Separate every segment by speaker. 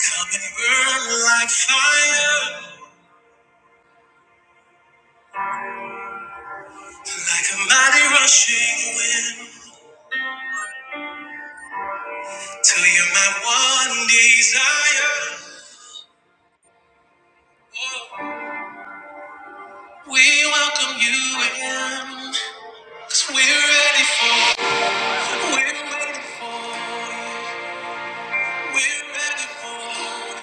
Speaker 1: Come and burn like fire, like a mighty rushing wind, till you're my one desire. We welcome you in, we we're ready for, we're ready for, we're ready for.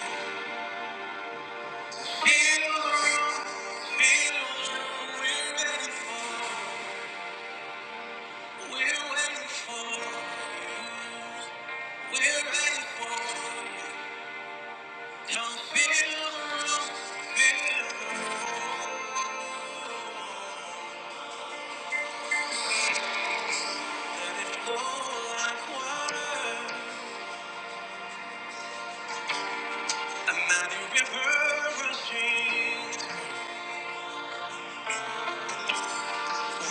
Speaker 1: Feel the room, feel the room. We're ready for, we're ready for, you. we're ready for. you. Don't feel alone, feel alone. Let it flow like water. A mighty river rushing.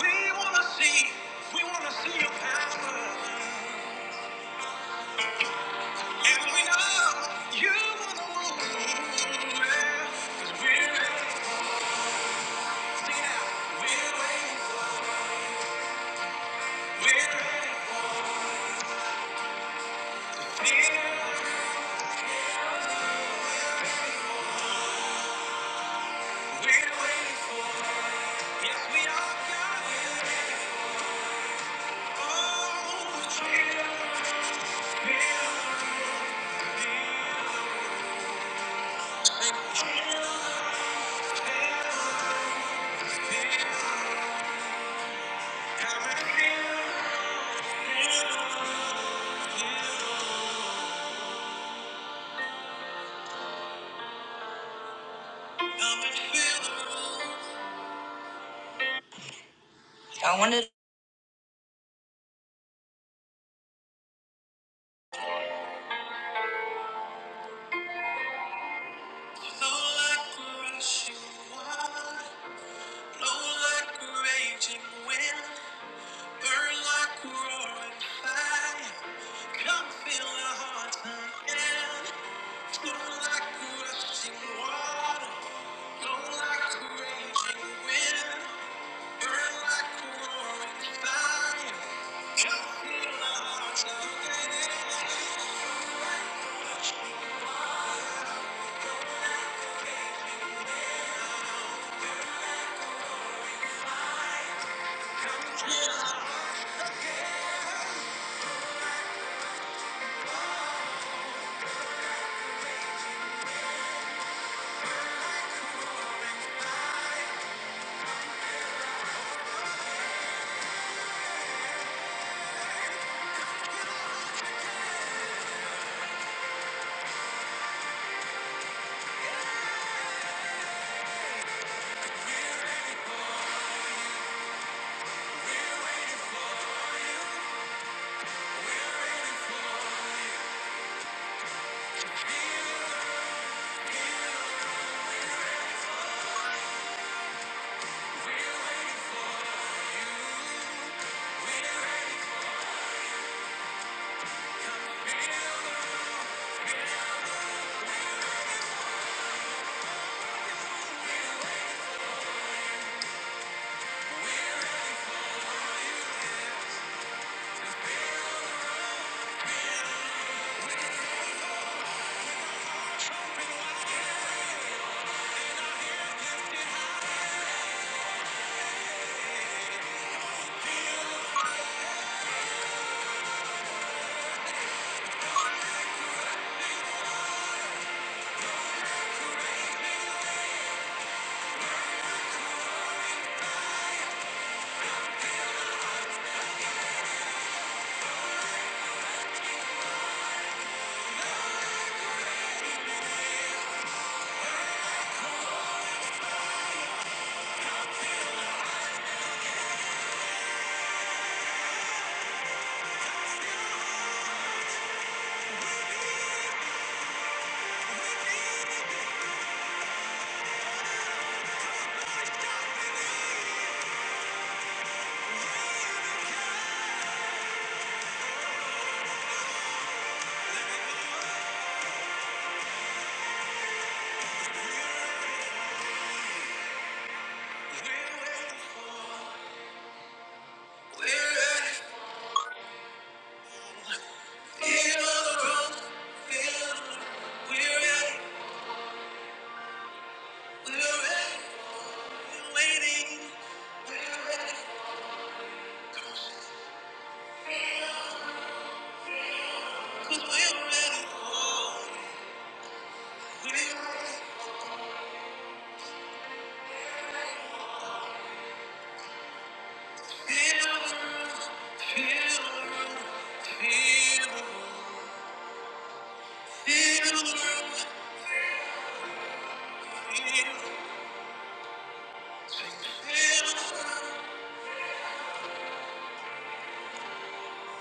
Speaker 1: We wanna see, we wanna see your power. And we know you wanna move. Yeah, 'cause we're ready. it We're ready. We're ready. Yeah, we're ready Yes, we are, God. We're Oh, yeah. I wanted. to flow like a rushing water, blow like a raging wind, burn like a roaring fire, come fill our hearts again. Flow like a rushing water, blow like a raging wind, burn like a roaring fire, Feel, feel,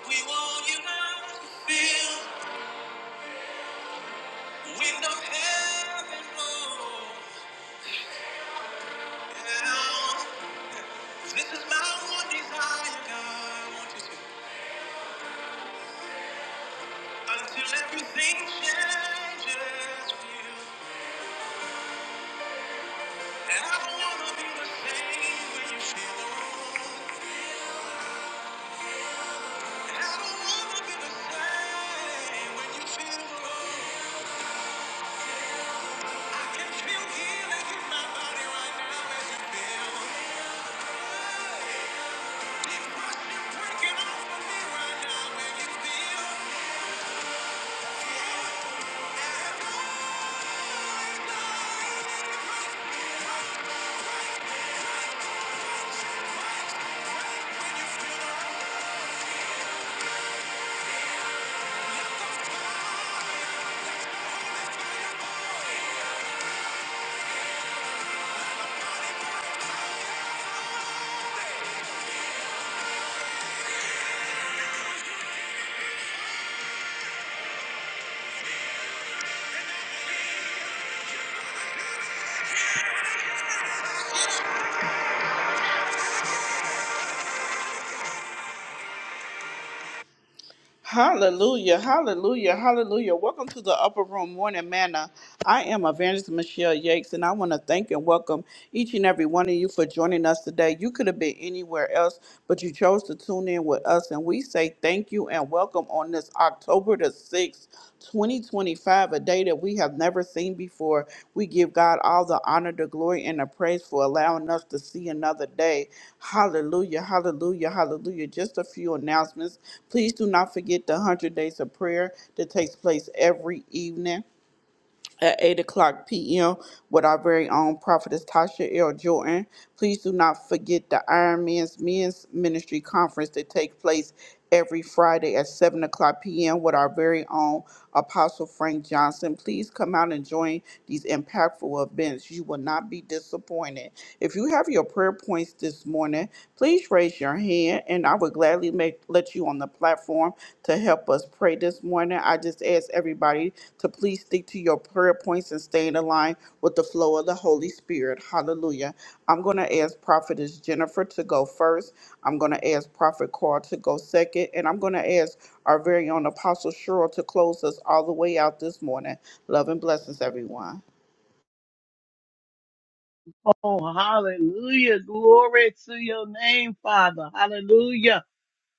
Speaker 1: we want you now to feel. Wind of heaven blow down. This is my one desire, God. I want you to- Until everything changes for you. And I don't wanna be the same when you feel alone. And I don't wanna be the same when you feel alone. I can feel healing in my body right now as you feel. Breaking off of me right now. baby. Hallelujah, hallelujah, hallelujah. Welcome to the Upper Room Morning Manna. I am Evangelist Michelle Yakes, and I want to thank and welcome each and every one of you for joining us today. You could have been anywhere else, but you chose to tune in with us, and we say thank you and welcome on this October the 6th. 2025, a day that we have never seen before. We give God all the honor, the glory, and the praise for allowing us to see another day. Hallelujah, hallelujah, hallelujah. Just a few announcements. Please do not forget the 100 Days of Prayer that takes place every evening at 8 o'clock p.m. with our very own prophetess Tasha L. Jordan. Please do not forget the Iron Man's Men's Ministry Conference that takes place every Friday at 7 o'clock p.m. with our very own Apostle Frank Johnson. Please come out and join these impactful events. You will not be disappointed. If you have your prayer points this morning, please raise your hand. And I would gladly make let you on the platform to help us pray this morning. I just ask everybody to please stick to your prayer points and stay in the line with the flow of the Holy Spirit. Hallelujah. I'm going to ask Prophetess Jennifer to go first. I'm going to ask Prophet Carl to go second. And I'm going to ask our very own Apostle Cheryl to close us all the way out this morning. Love and blessings, everyone.
Speaker 2: Oh, hallelujah. Glory to your name, Father. Hallelujah.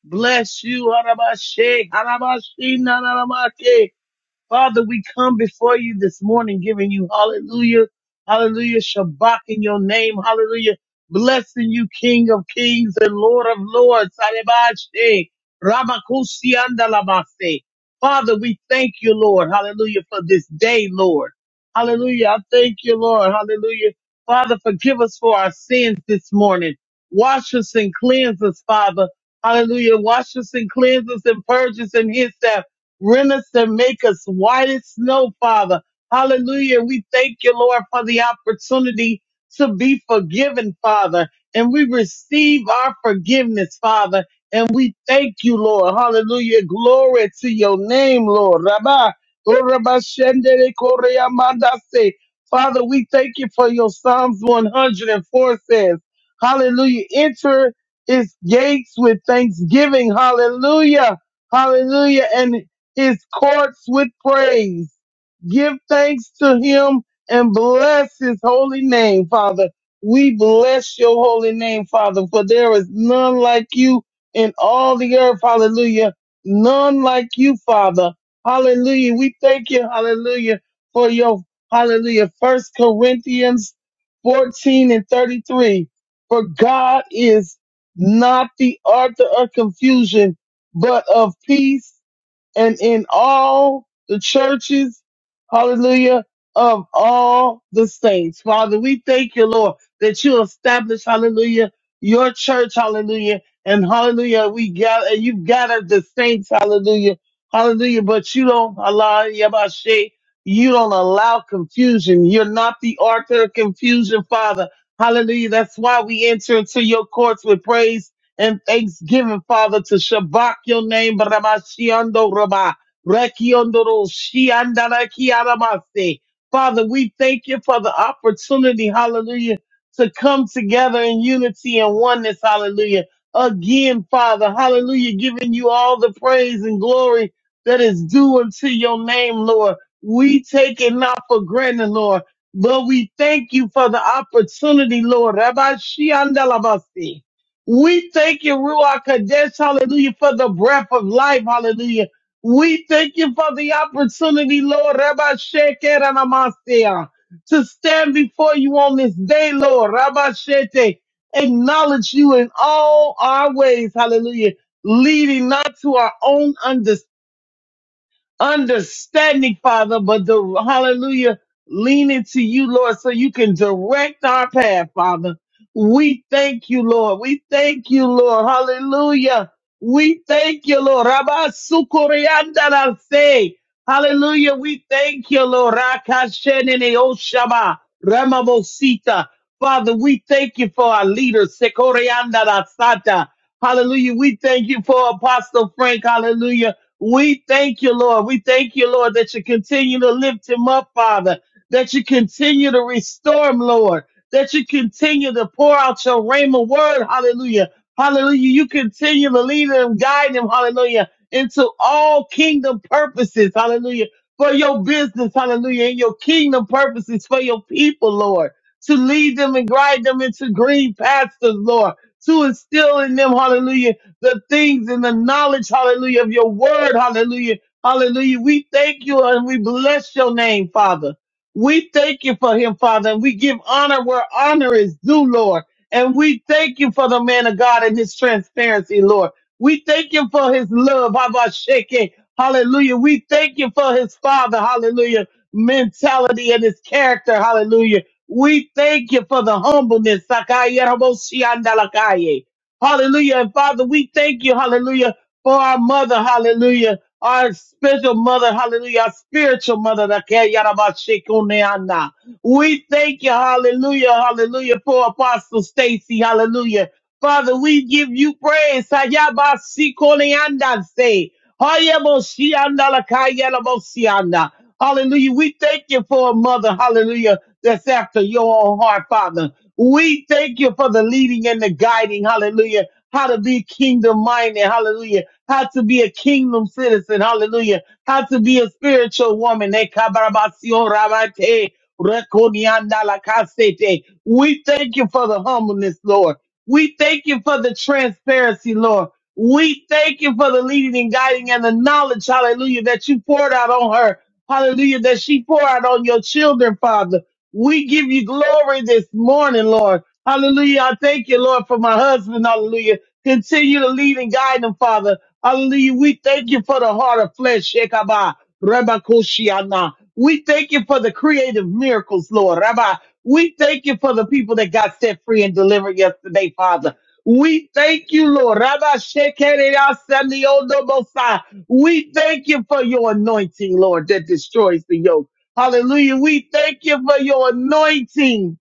Speaker 2: Bless you. Arabashe, Arabashina, Father, we come before you this morning giving you hallelujah, hallelujah, Shabbat in your name, hallelujah, blessing you, King of kings and Lord of lords, Sarabashe, Ramakusi Andalabase. Father, we thank you, Lord, hallelujah, for this day, Lord. Hallelujah, I thank you, Lord, hallelujah. Father, forgive us for our sins this morning. Wash us and cleanse us, Father. Hallelujah. Wash us and cleanse us and purge us and hyssop. Rent us and make us white as snow, Father. Hallelujah. We thank you, Lord, for the opportunity to be forgiven, Father. And we receive our forgiveness, Father. And we thank you, Lord. Hallelujah. Glory to your name, Lord. Rabba. oh, Rabba Shendere Korea Mandase. Father, we thank you for your Psalms 104 says, Hallelujah. Enter its gates with thanksgiving. Hallelujah. Hallelujah. And his courts with praise. Give thanks to him and bless his holy name, Father. We bless your holy name, Father, for there is none like you in all the earth. Hallelujah. None like you, Father. Hallelujah. We thank you, hallelujah, for your, hallelujah, First Corinthians 14 and 33. For God is not the author of confusion, but of peace and in all the churches, hallelujah, of all the saints. Father, we thank you, Lord, that you establish, hallelujah, your church, hallelujah, and hallelujah, we gather, and you've gathered the saints, hallelujah, hallelujah, but you don't allow, Yabashe, you don't allow confusion. You're not the author of confusion, Father. Hallelujah. That's why we enter into your courts with praise and thanksgiving, Father, to Shabak your name, Ramashiando Rama, Rekiondoro Shiandarakiaramase. Father, we thank you for the opportunity, hallelujah, to come together in unity and oneness, hallelujah. Again, Father, hallelujah, giving you all the praise and glory that is due unto your name, Lord. We take it not for granted, Lord, but we thank you for the opportunity, Lord. Rabbi Shiandalabasi. We thank you, Ruach Kadesh, hallelujah, for the breath of life, hallelujah. We thank you for the opportunity, Lord, Rabbi Sheker and to stand before you on this day, Lord, Rabbi Shete, acknowledge you in all our ways, hallelujah, leading not to our own understanding understanding, Father, but the hallelujah, lean into you, Lord, so you can direct our path, Father. We thank you, Lord. We thank you, Lord. Hallelujah. We thank you, Lord. Rabba say. Hallelujah. We thank you, Lord. Rakashenene Oshama Ramamosita. Father, we thank you for our leaders. Sekorianda Hallelujah. We thank you for Apostle Frank. Hallelujah we thank you, Lord. We thank you, Lord, that you continue to lift him up, Father, that you continue to restore him, Lord, that you continue to pour out your rhema word. Hallelujah. Hallelujah. You continue to lead him, guide him. Hallelujah. Into all kingdom purposes. Hallelujah. For your business. Hallelujah. And your kingdom purposes for your people, Lord, to lead them and guide them into green pastures, Lord, to instill in them. Hallelujah the things and the knowledge, hallelujah, of your word, hallelujah, hallelujah. We thank you and we bless your name, Father. We thank you for him, Father, and we give honor where honor is due, Lord. And we thank you for the man of God and his transparency, Lord. We thank you for his love, Habashake, hallelujah. We thank you for his father, hallelujah, mentality and his character, hallelujah. We thank you for the humbleness, Sakaya Raboshi Andalakaye. Hallelujah. And Father, we thank you, hallelujah, for our mother, hallelujah, our spiritual mother, hallelujah, our spiritual mother. that care, yada, ba, she, kune, ana. We thank you, hallelujah, hallelujah, for Apostle Stacy, hallelujah. Father, we give you praise. Sayaba, si, kune, anda, se. Hayaboshianda lakayalaboshianda. Hallelujah. We thank you for a mother, hallelujah, that's after your own heart, Father. We thank you for the leading and the guiding, hallelujah, how to be kingdom minded, hallelujah, how to be a kingdom citizen, hallelujah, how to be a spiritual woman. Eh, kabarabasio rabate, rekonianda lakasete. We thank you for the humbleness, Lord. We thank you for the transparency, Lord. We thank you for the leading and guiding and the knowledge, hallelujah, that you poured out on her. Hallelujah, that she poured out on your children, Father. We give you glory this morning, Lord. Hallelujah. I thank you, Lord, for my husband. Hallelujah. Continue to lead and guide him, Father. Hallelujah. We thank you for the heart of flesh, Shekabah, Rabbi Koshiana. We thank you for the creative miracles, Lord. Rabbi. We thank you for the people that got set free and delivered yesterday, Father. We thank you, Lord. Rabba Shekere Asaniodo Bosai. We thank you for your anointing, Lord, that destroys the yoke. Hallelujah. We thank you for your anointing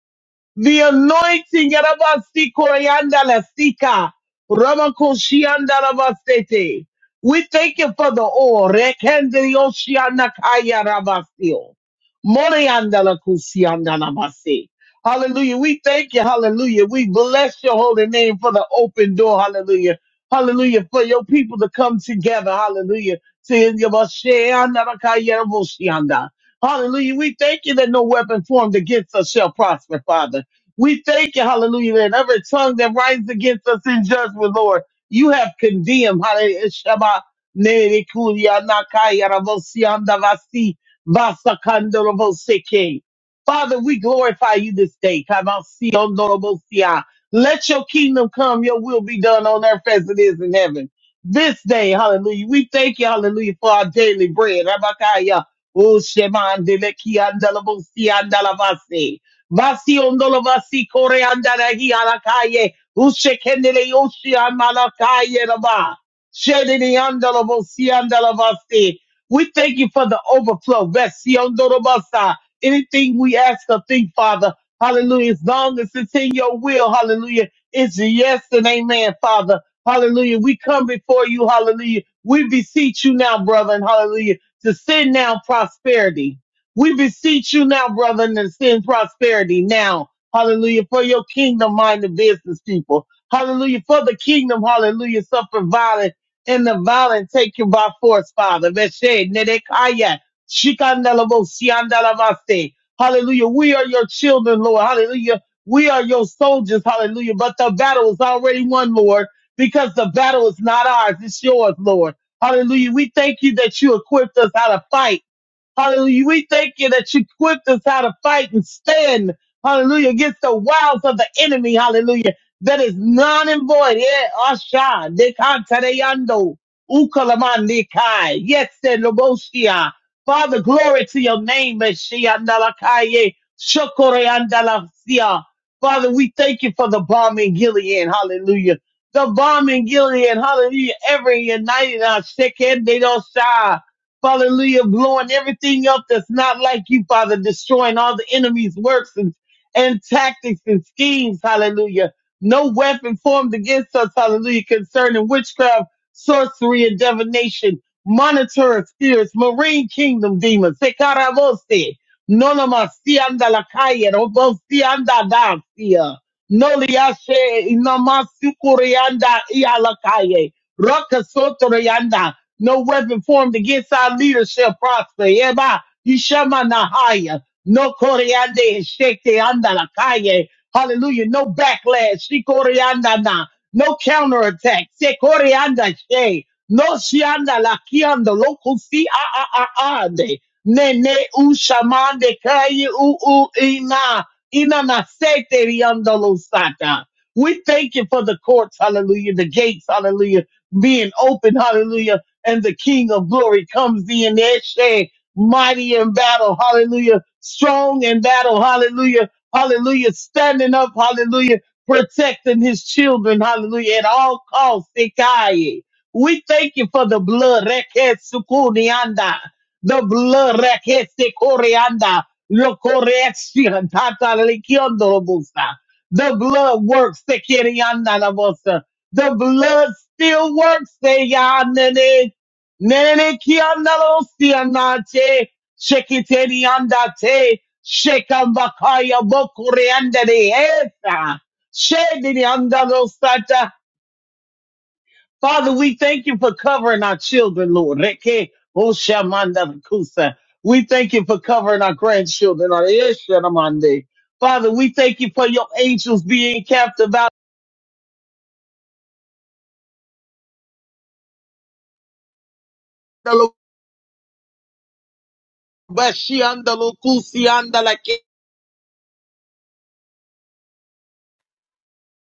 Speaker 2: the anointing Yarabasi Koryanda La Sika Ramakoshianda Rabasete. We thank you for the oil. Rekende Yoshianda Kaya Rabasio. Morianda La Kusianda Rabasi. Hallelujah. We thank you. Hallelujah. We bless your holy name for the open door. Hallelujah. Hallelujah. For your people to come together. Hallelujah. Saying, "Yabashianda Rakaya Raboshianda." Hallelujah. We thank you that no weapon formed against us shall prosper, Father. We thank you, hallelujah, that every tongue that rises against us in judgment, Lord, you have condemned. Hallelujah. Shema nere kuria nakaya ravosi andavasi vasakandoroboseke. Father, we glorify you this day. Kamasi ondorobosia. Let your kingdom come, your will be done on earth as it is in heaven. This day, hallelujah. We thank you, hallelujah, for our daily bread. Rabakaya. Oh, Shema, Andelekia, Andalabosia, Vasi ondolo vasi kore andarahi alakaye. Ushe kendele yoshi amalakaye raba. Shedini andolo vosi andala vasi. We thank you for the overflow. Vasi ondolo vasa. Anything we ask or think, Father, hallelujah, as long as it's in your will, hallelujah, it's a yes and amen, Father. Hallelujah. We come before you, hallelujah. We beseech you now, brother, and hallelujah, to send now prosperity. We beseech you now, brother, and send prosperity now. Hallelujah. For your kingdom minded business people. Hallelujah. For the kingdom, hallelujah, suffer violence and the violent take you by force, Father. Veshe, Nedekaya, Shikandelabo, Siandalavase. Hallelujah. We are your children, Lord. Hallelujah. We are your soldiers. Hallelujah. But the battle is already won, Lord, because the battle is not ours. It's yours, Lord. Hallelujah. We thank you that you equipped us how to fight. Hallelujah. We thank you that you equipped us how to fight and stand. Hallelujah. Against the wiles of the enemy. Hallelujah. That is non and void. Yeah. Asha. Dekantareyando. Ukalamandikai. Yes, and Lobosia. Father, glory to your name, Meshiandalakaye. Shokoreandalasia. Father, we thank you for the bomb in Gilead. Hallelujah. The bomb in Gilead. Hallelujah. Every united our second, they don't sigh. Hallelujah. Blowing everything up that's not like you, Father. Destroying all the enemy's works and, and tactics and schemes. Hallelujah. No weapon formed against us. Hallelujah. Concerning witchcraft, sorcery, and divination. Monitor spirits, marine kingdom demons. Sekarabose. Nonomasianda lakaya. Robosianda dasia. Noliashe inamasukureanda ialakaye. Rokasotorianda. No weapon formed against our leader shall prosper. Eba, Yishamanahaya. No Koreande Shekte Andalakaye. Hallelujah. No backlash. Shikorianda na. No counterattack. Sekorianda She. No Shianda Lakianda local si a a a a de. Ne ne u shamande kaye u u ina. Ina na sete rianda losata. We thank you for the courts, hallelujah, the gates, hallelujah, being open, hallelujah and the King of glory comes in that shame, mighty in battle, hallelujah, strong in battle, hallelujah, hallelujah, standing up, hallelujah, protecting his children, hallelujah, at all costs. Ikaye. We thank you for the blood, rekesukunianda, the blood, rekesekorianda, lokoreaksian, tatalekiondobosa. the blood works, sekirianda, labosa. the blood still works, Nene kiandalo sianate, shekiteni andate, shekambakaya bokureandere eta, shedini andalo sata. Father, we thank you for covering our children, Lord. Reke oshamanda kusa. We thank you for covering our grandchildren. our eshanamande. Father, we thank you for your angels being capped about.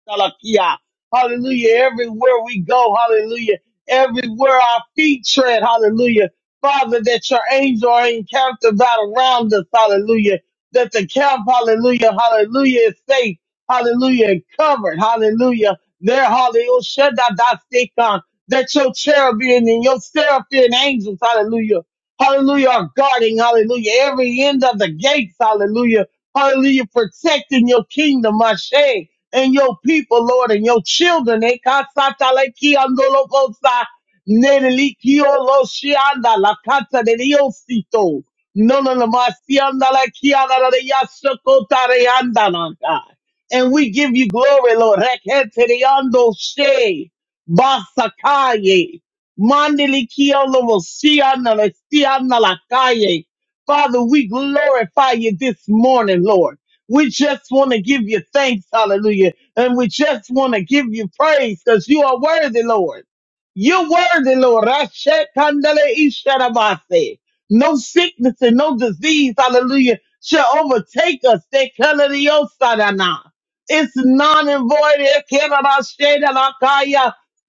Speaker 2: Salakia. Hallelujah. Everywhere we go, hallelujah. Everywhere our feet tread, hallelujah. Father, that your angels are encamped about around us, hallelujah. That the camp, hallelujah, hallelujah, is safe, hallelujah, and covered, hallelujah. There, hallelujah, Shaddadasikon. that your cherubim and your seraphim angels, hallelujah, hallelujah, are guarding, hallelujah, every end of the gates, hallelujah, hallelujah, protecting your kingdom, Mashay and your people, Lord, and your children. Eh, kasataleki andolobosa, nenelikiyoloshianda, lakatadeliyosito, nononamasiandalakiadadadeyashokotareyandananda. And we give you glory, Lord. Reketereyandoshe, basakaye, mandelikiyolosiandalasiandalakaye. Father, we glorify you this morning, Lord. We just want to give you thanks, hallelujah. And we just want to give you praise because you are worthy, Lord. You're worthy, Lord. Rashe kandele isharabase. No sickness and no disease, hallelujah, shall overtake us. They color the osarana. It's non and void. Ekerabashe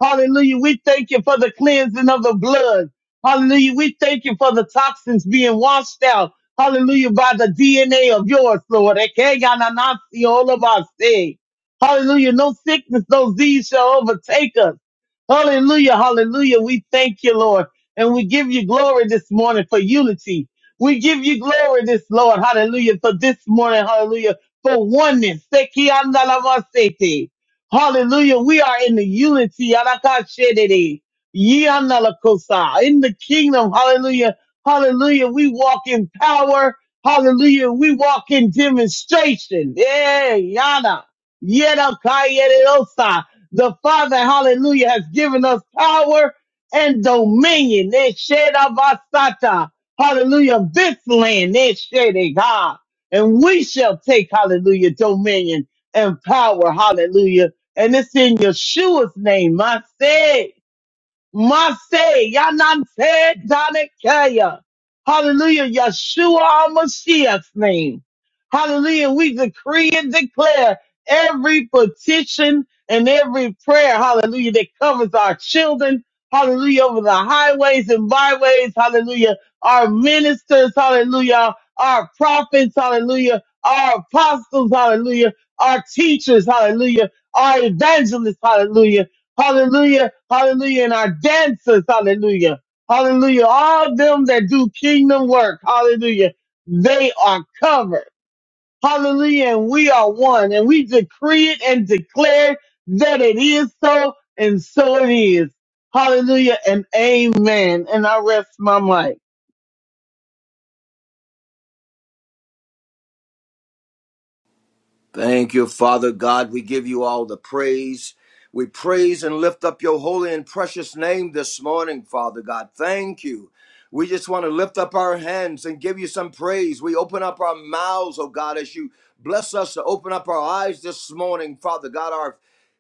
Speaker 2: Hallelujah. We thank you for the cleansing of the blood. Hallelujah. We thank you for the toxins being washed out. Hallelujah. By the DNA of yours, Lord. Ekeyananasi olabase. Hallelujah. No sickness, no disease shall overtake us. Hallelujah. Hallelujah. We thank you, Lord. And we give you glory this morning for unity. We give you glory this, Lord. Hallelujah. For this morning. Hallelujah. For oneness. Ekeyanalamasete. Hallelujah. We are in the unity. Arakashedede. Yianalakosa. In the kingdom. Hallelujah Hallelujah. We walk in power. Hallelujah. We walk in demonstration. Yeah, yana. Yeda kayerosa. The Father, hallelujah, has given us power and dominion. Eh, sheda basata. Hallelujah. This land, eh, shede God. And we shall take, hallelujah, dominion and power. Hallelujah. And it's in Yeshua's name. I say. Mase, Yanante, Danakaya. Hallelujah, Yeshua our Mashiach's name. Hallelujah, we decree and declare every petition and every prayer, hallelujah, that covers our children, hallelujah, over the highways and byways, hallelujah, our ministers, hallelujah, our prophets, hallelujah, our apostles, hallelujah, our teachers, hallelujah, our evangelists, hallelujah. Hallelujah. Hallelujah. And our dancers. Hallelujah. Hallelujah. All them that do kingdom work. Hallelujah. They are covered. Hallelujah. And we are one. And we decree it and declare that it is so. And so it is. Hallelujah. And amen. And I rest my mic.
Speaker 3: Thank you, Father God. We give you all the praise. We praise and lift up your holy and precious name this morning, Father God. Thank you. We just want to lift up our hands and give you some praise. We open up our mouths, oh God, as you bless us to open up our eyes this morning, Father God. Our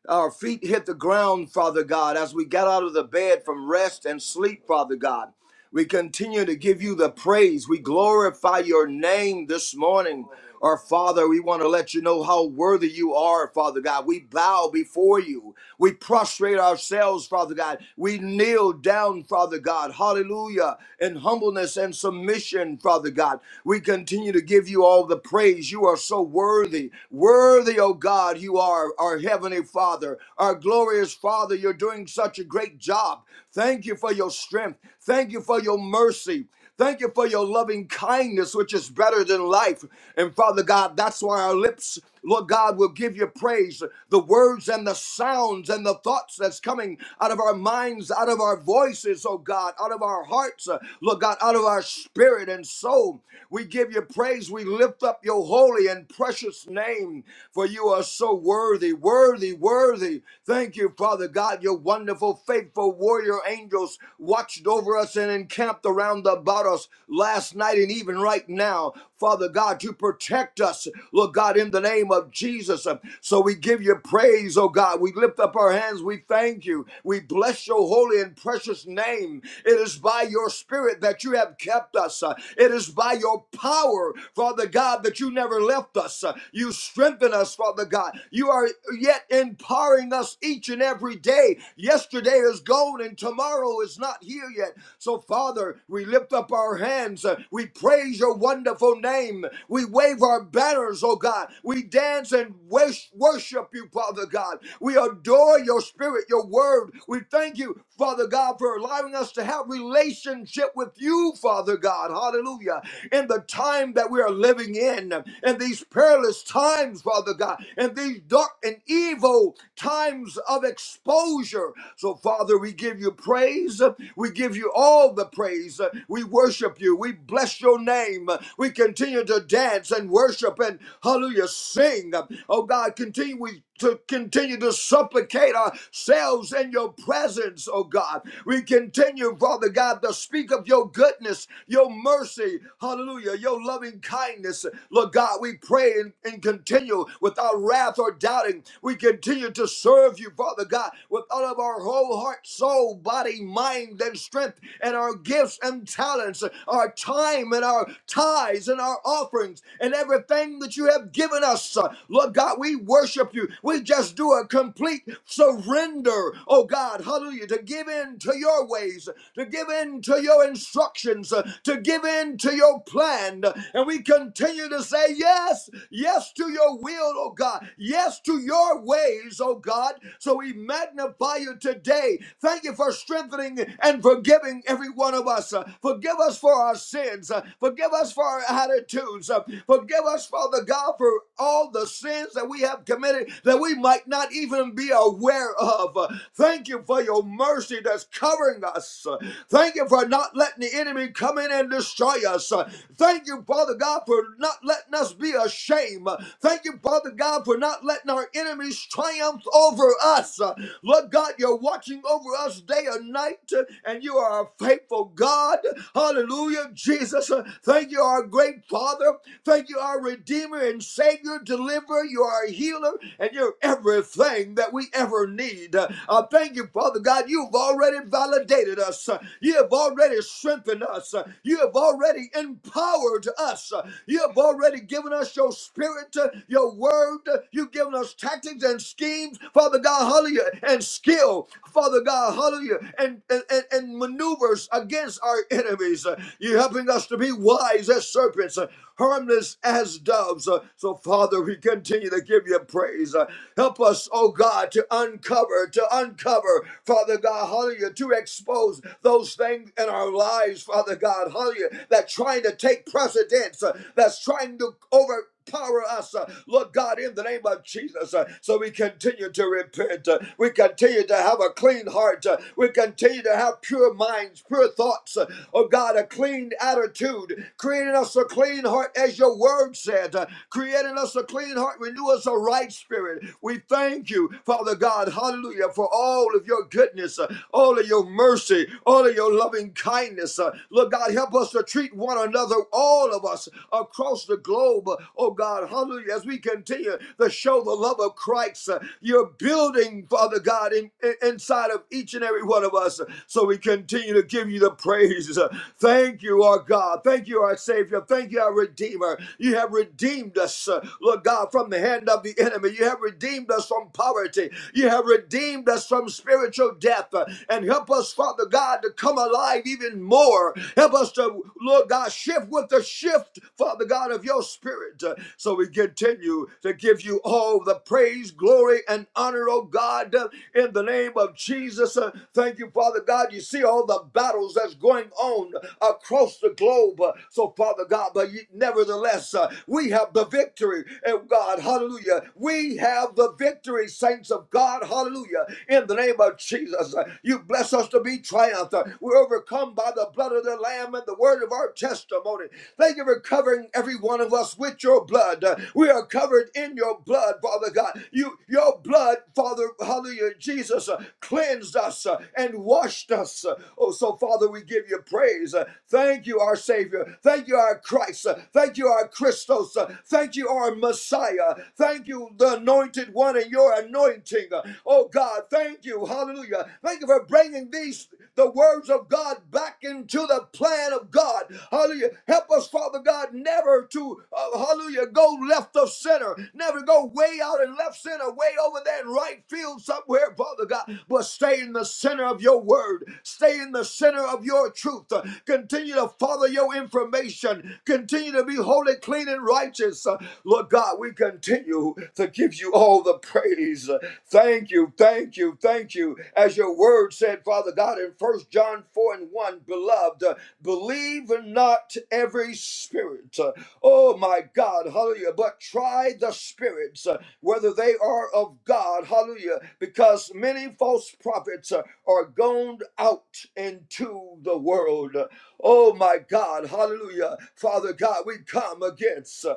Speaker 3: our feet hit the ground, Father God, as we got out of the bed from rest and sleep, Father God. We continue to give you the praise. We glorify your name this morning. Our Father, we want to let you know how worthy you are, Father God. We bow before you. We prostrate ourselves, Father God. We kneel down, Father God. Hallelujah. In humbleness and submission, Father God. We continue to give you all the praise. You are so worthy. Worthy, oh God, you are our Heavenly Father, our glorious Father. You're doing such a great job. Thank you for your strength. Thank you for your mercy. Thank you for your loving kindness, which is better than life. And Father God, that's why our lips, Lord God, will give you praise. The words and the sounds and the thoughts that's coming out of our minds, out of our voices, oh God, out of our hearts, uh, Lord God, out of our spirit and soul. We give you praise. We lift up your holy and precious name, for you are so worthy, worthy, worthy. Thank you, Father God. God, your wonderful, faithful warrior angels watched over us and encamped around about us last night and even right now. Father God, you protect us, Lord God, in the name of Jesus. So we give you praise, oh God. We lift up our hands. We thank you. We bless your holy and precious name. It is by your spirit that you have kept us. Uh, It is by your power, Father God, that you never left us. Uh, You strengthen us, Father God. You are yet empowered empowering us each and every day. Yesterday is gone and tomorrow is not here yet. So, Father, we lift up our hands. Uh, We praise your wonderful name. We wave our banners, oh God. We dance and wors- worship you, Father God. We adore your spirit, your word. We thank you, Father God, for allowing us to have relationship with you, Father God. Hallelujah. In the time that we are living in, in these perilous times, Father God in these dark and evil times of exposure. So, Father, we give you praise. We give you all the praise. We worship you. We bless your name. We continue to dance and worship and hallelujah, sing. Oh God, continue. We to continue to supplicate ourselves in your presence, oh God. We continue, Father God, to speak of your goodness, your mercy, hallelujah, your loving kindness. Lord God, we pray and, and continue without wrath or doubting. We continue to serve you, Father God, with all of our whole heart, soul, body, mind, and strength, and our gifts and talents, our time and our tithes and our offerings, and everything that you have given us. Lord God, we worship you. We just do a complete surrender, oh God, hallelujah, to give in to your ways, to give in to your instructions, uh, to give in to your plan. And we continue to say yes, yes to your will, oh God, yes to your ways, oh God. So we magnify you today. Thank you for strengthening and forgiving every one of us. Uh, Forgive us for our sins. Uh, Forgive us for our attitudes. Uh, Forgive us, Father God, for all the sins sins that we have committed that we might not even be aware of. Uh, Thank you for your mercy that's covering us. Uh, Thank you for not letting the enemy come in and destroy us. Uh, Thank you, Father God, for not letting us be ashamed. Uh, Thank you, Father God, for not letting our enemies triumph over us. Uh, Lord God, you're watching over us day and night, uh, and you are a faithful God. Hallelujah, Jesus. Uh, Thank you, our great Father. Thank you, our Redeemer and Savior. Savior, deliverer, you are a healer, and you're everything that we ever need. Uh, uh, thank you, Father God. You've already validated us. Uh, You have already strengthened us. Uh, You have already empowered us. Uh, You have already given us your spirit, uh, your word. Uh, You've given us tactics and schemes, Father God, hallelujah, and skill, Father God, hallelujah, and, and, and, and maneuvers against our enemies. Uh, You're helping us to be wise as serpents. Uh, harmless as doves. Uh, So, Father, we continue to give you praise. Uh, Help us, oh God, to uncover, to uncover, Father God, hallelujah, to expose those things in our lives, Father God, hallelujah, that's trying to take precedence, uh, that's trying to over empower us, uh, Lord God, in the name of Jesus. uh, So we continue to repent. uh, We continue to have a clean heart. uh, We continue to have pure minds, pure thoughts. uh, Oh God, a clean attitude, creating us a clean heart as your word said, uh, creating us a clean heart, renew us a right spirit. We thank you, Father God, hallelujah, for all of your goodness, uh, all of your mercy, all of your loving kindness. uh, Lord God, help us to treat one one another, all of us across the globe. Oh God, hallelujah. As we continue to show the love of Christ, uh, you're building, Father God, in, in- inside of each and every one of us. So we continue to give you the praise. Thank you, our God. Thank you, our Savior. Thank you, our Redeemer. You have redeemed us, uh, Lord God, from the hand of the enemy. You have redeemed us from poverty. You have redeemed us from spiritual death. Uh, And help us, Father God. God, to come alive even more. Help us to, Lord God, shift with the shift, Father God, of your spirit. uh, So we continue to give you all the praise, glory, and honor, oh God, uh, in the name of Jesus. Uh, Thank you, Father God. You see all the battles that's going on across the globe. Uh, So, Father God, but nevertheless, uh, we have the victory, and God, hallelujah. We have the victory, saints of God, hallelujah. Hallelujah. In the name of Jesus, uh, you bless us to be triumphant. We're overcome by the blood of the Lamb and the word of our testimony. Thank you for covering every one of us with your blood. Uh, We are covered in your blood, Father God. You, your blood, Father, hallelujah, Jesus, uh, cleansed us uh, and washed us. Uh, Oh, so Father, we give you praise. Uh, Thank you, our Savior. Thank you, our Christ. Uh, Thank you, our Christos. Uh, Thank you, our Messiah. Thank Thank you, the anointed one, and your anointing. Oh God, thank you. Hallelujah. Thank you for bringing these the words of God back into the plan of God. Hallelujah. Help us, Father God, never to, uh, hallelujah, go left of center, never go way out and left center, way over there in right field somewhere, Father God, but stay in the center of your word, stay in the center of your truth. Continue to follow your information, continue to be holy, clean, and righteous. Uh, Lord God, we continue to give you all the praise. Uh, Thank you, thank you, thank you. As your word said, Father God, in First John 4 and 1, beloved, uh, believe not every spirit. Uh, Oh my God, hallelujah. But try the spirits, uh, whether they are of God, hallelujah, because many false prophets uh, are gone out into the world. Oh my God, hallelujah. Father God, we come against uh,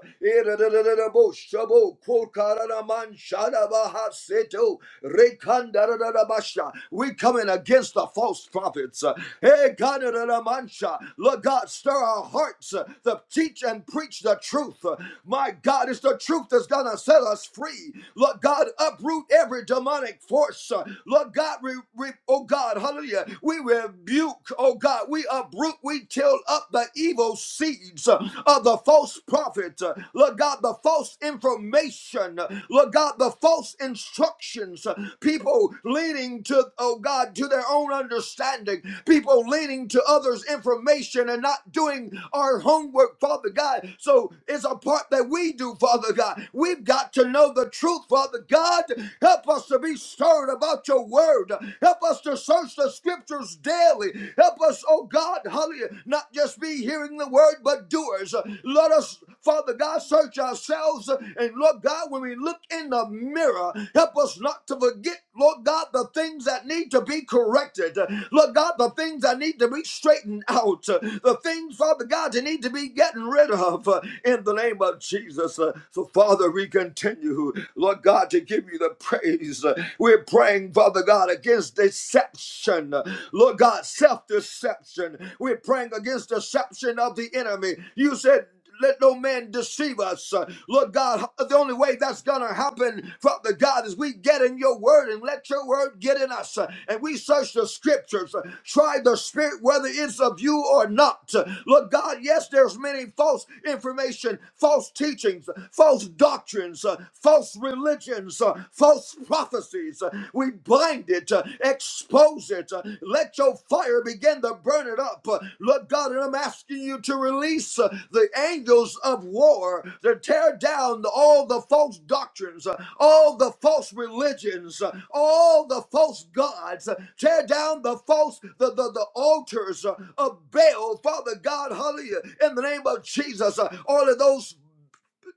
Speaker 3: we coming against the false prophets. Hey God, Lord God, stir our hearts uh, to teach and preach the truth. Uh, My God, it's the truth that's gonna set us free. Lord God, uproot every demonic force. Uh, Lord God, we, we- oh God, hallelujah. We rebuke, oh God, we uproot, we till up the evil seeds uh, of the false prophet, uh, Lord God, the false information, uh, Lord God, the false instructions, uh, people leaning to, oh God, to their own understanding, people leaning to others' information and not doing our homework, Father God. So it's a part that we do, Father God. We've got to know the truth, Father God. Help us to be stirred about your word word. Help us to search the scriptures daily. Help us, oh God, hallelujah, not just be hearing the word, but doers. Let us, Father God, search ourselves. And Lord God, when we look in the mirror, help us not to forget, Lord God, the things that need to be corrected. Lord God, the things that need to be straightened out. The things, Father God, that need to be getting rid of in the name of Jesus. So, Father, we continue, Lord God, to give you the praise praise. We're praying, Father God, against deception. Lord God, self deception. We're praying against deception of the enemy. You said, let no man deceive us. Lord God, the only way that's going to happen, Father God, is we get in your word and let your word get in us. And we search the scriptures, try the spirit, whether it's of you or not. Lord God, yes, there's many false information, false teachings, false doctrines doctrines, uh, false religions, uh, false prophecies. Uh, we bind it, uh, expose it. Uh, let your fire begin to burn it up. Uh, Lord God, and I'm asking you to release uh, the angels of war to tear down all the false doctrines, uh, all the false religions, uh, all the false gods. Uh, tear down the false, the, the, the altars uh, of Baal, Father God, hallelujah, in the name of Jesus. Uh, all of those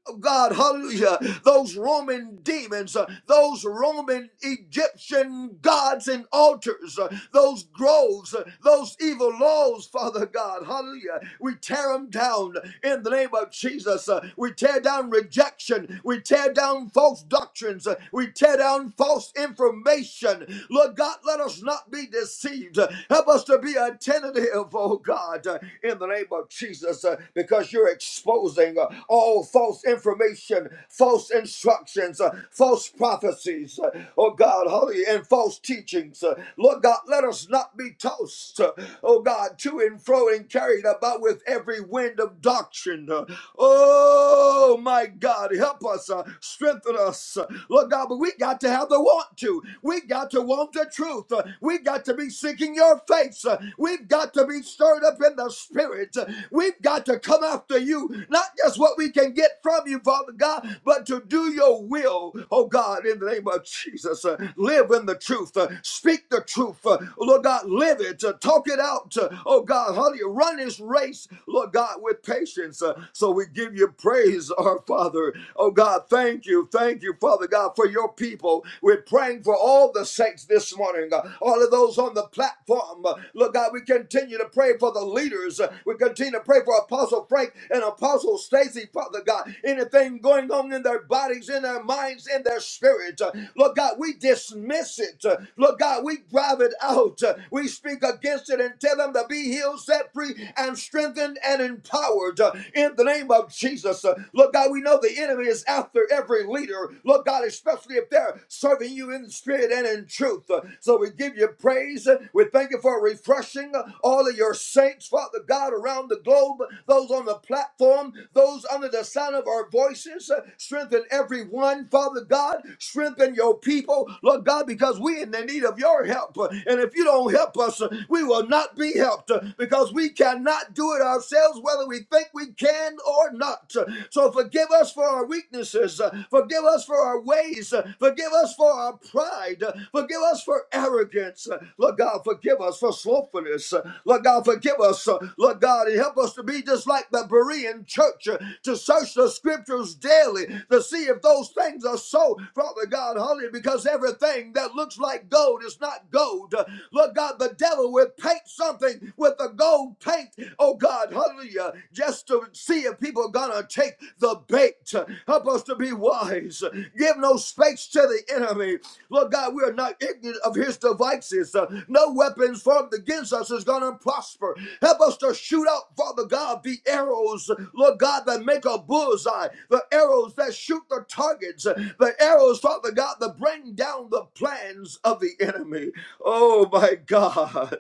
Speaker 3: of God, hallelujah, those Roman demons, uh, those Roman Egyptian gods and altars, uh, those groves, uh, those evil laws, Father God, hallelujah. We tear them down in the name of Jesus. Uh, we tear down rejection. We tear down false doctrines. Uh, we tear down false information. Lord God, let us not be deceived. Uh, help us to be attentive, oh God, uh, in the name of Jesus, uh, because you're exposing uh, all false false information, false instructions, uh, false prophecies, uh, oh God, holy, and false teachings. Uh, Lord God, let us not be tossed, uh, oh God, to and fro and carried about with every wind of doctrine. Uh, Oh my God, help us, uh, strengthen us, Uh, Lord God. But we got to have the want to. We got to want the truth. Uh, We got to be seeking Your face. Uh, We've got to be stirred up in the Spirit. Uh, We've got to come after You, not just what we can can get from you, Father God, but to do your will, oh God, in the name of Jesus. Uh, live in the truth, uh, speak the truth, uh, Lord God, live it, uh, talk it out, uh, oh God, how do you run this race, Lord God, with patience? Uh, so we give you praise, our Father. Oh God, thank you, thank you, Father God, for your people. We're praying for all the saints this morning, uh, all of those on the platform. Uh, Lord God, we continue to pray for the leaders. Uh, we continue to pray for Apostle Frank and Apostle Stacy crazy, Father God. Anything going on in their bodies, in their minds, in their spirit. Uh, Lord God, we dismiss it. Uh, Lord God, we drive it out. Uh, We speak against it and tell them to be healed, set free, and strengthened and empowered uh, in the name of Jesus. Uh, Lord God, we know the enemy is after every leader. Lord God, especially if they're serving you in spirit and in truth. Uh, So we give you praise. Uh, We thank you for refreshing uh, all of your saints, Father God, around the globe, those on the platform, those under the sound of our voices, uh, strengthen everyone, Father God. Strengthen your people, Lord God, because we in the need of your help. Uh, And if you don't help us, uh, we will not be helped uh, because we cannot do it ourselves, whether we think we can or not. Uh, So forgive us for our weaknesses. uh, Forgive us for our ways. uh, Forgive us for our pride. uh, Forgive us for arrogance. uh, Lord God, forgive us for slothfulness. uh, Lord God, forgive us. uh, Lord God, and help us to be just like the Berean in church uh, to search the scriptures daily to see if those things are so, Father God, honey, because everything that looks like gold is not gold. Uh, Lord God, the devil would paint something with the gold paint, oh God, hallelujah, just to see if people are gonna take the bait. Uh, Help us to be wise. Uh, Give no space to the enemy. Lord God, we are not ignorant of his devices. Uh, No weapons formed against us is gonna prosper. Help us to shoot out, Father God, the arrows arrows, Lord God, that make a bullseye, the arrows that shoot the targets, the arrows, Father God, that bring down the plans of the enemy. Oh my God.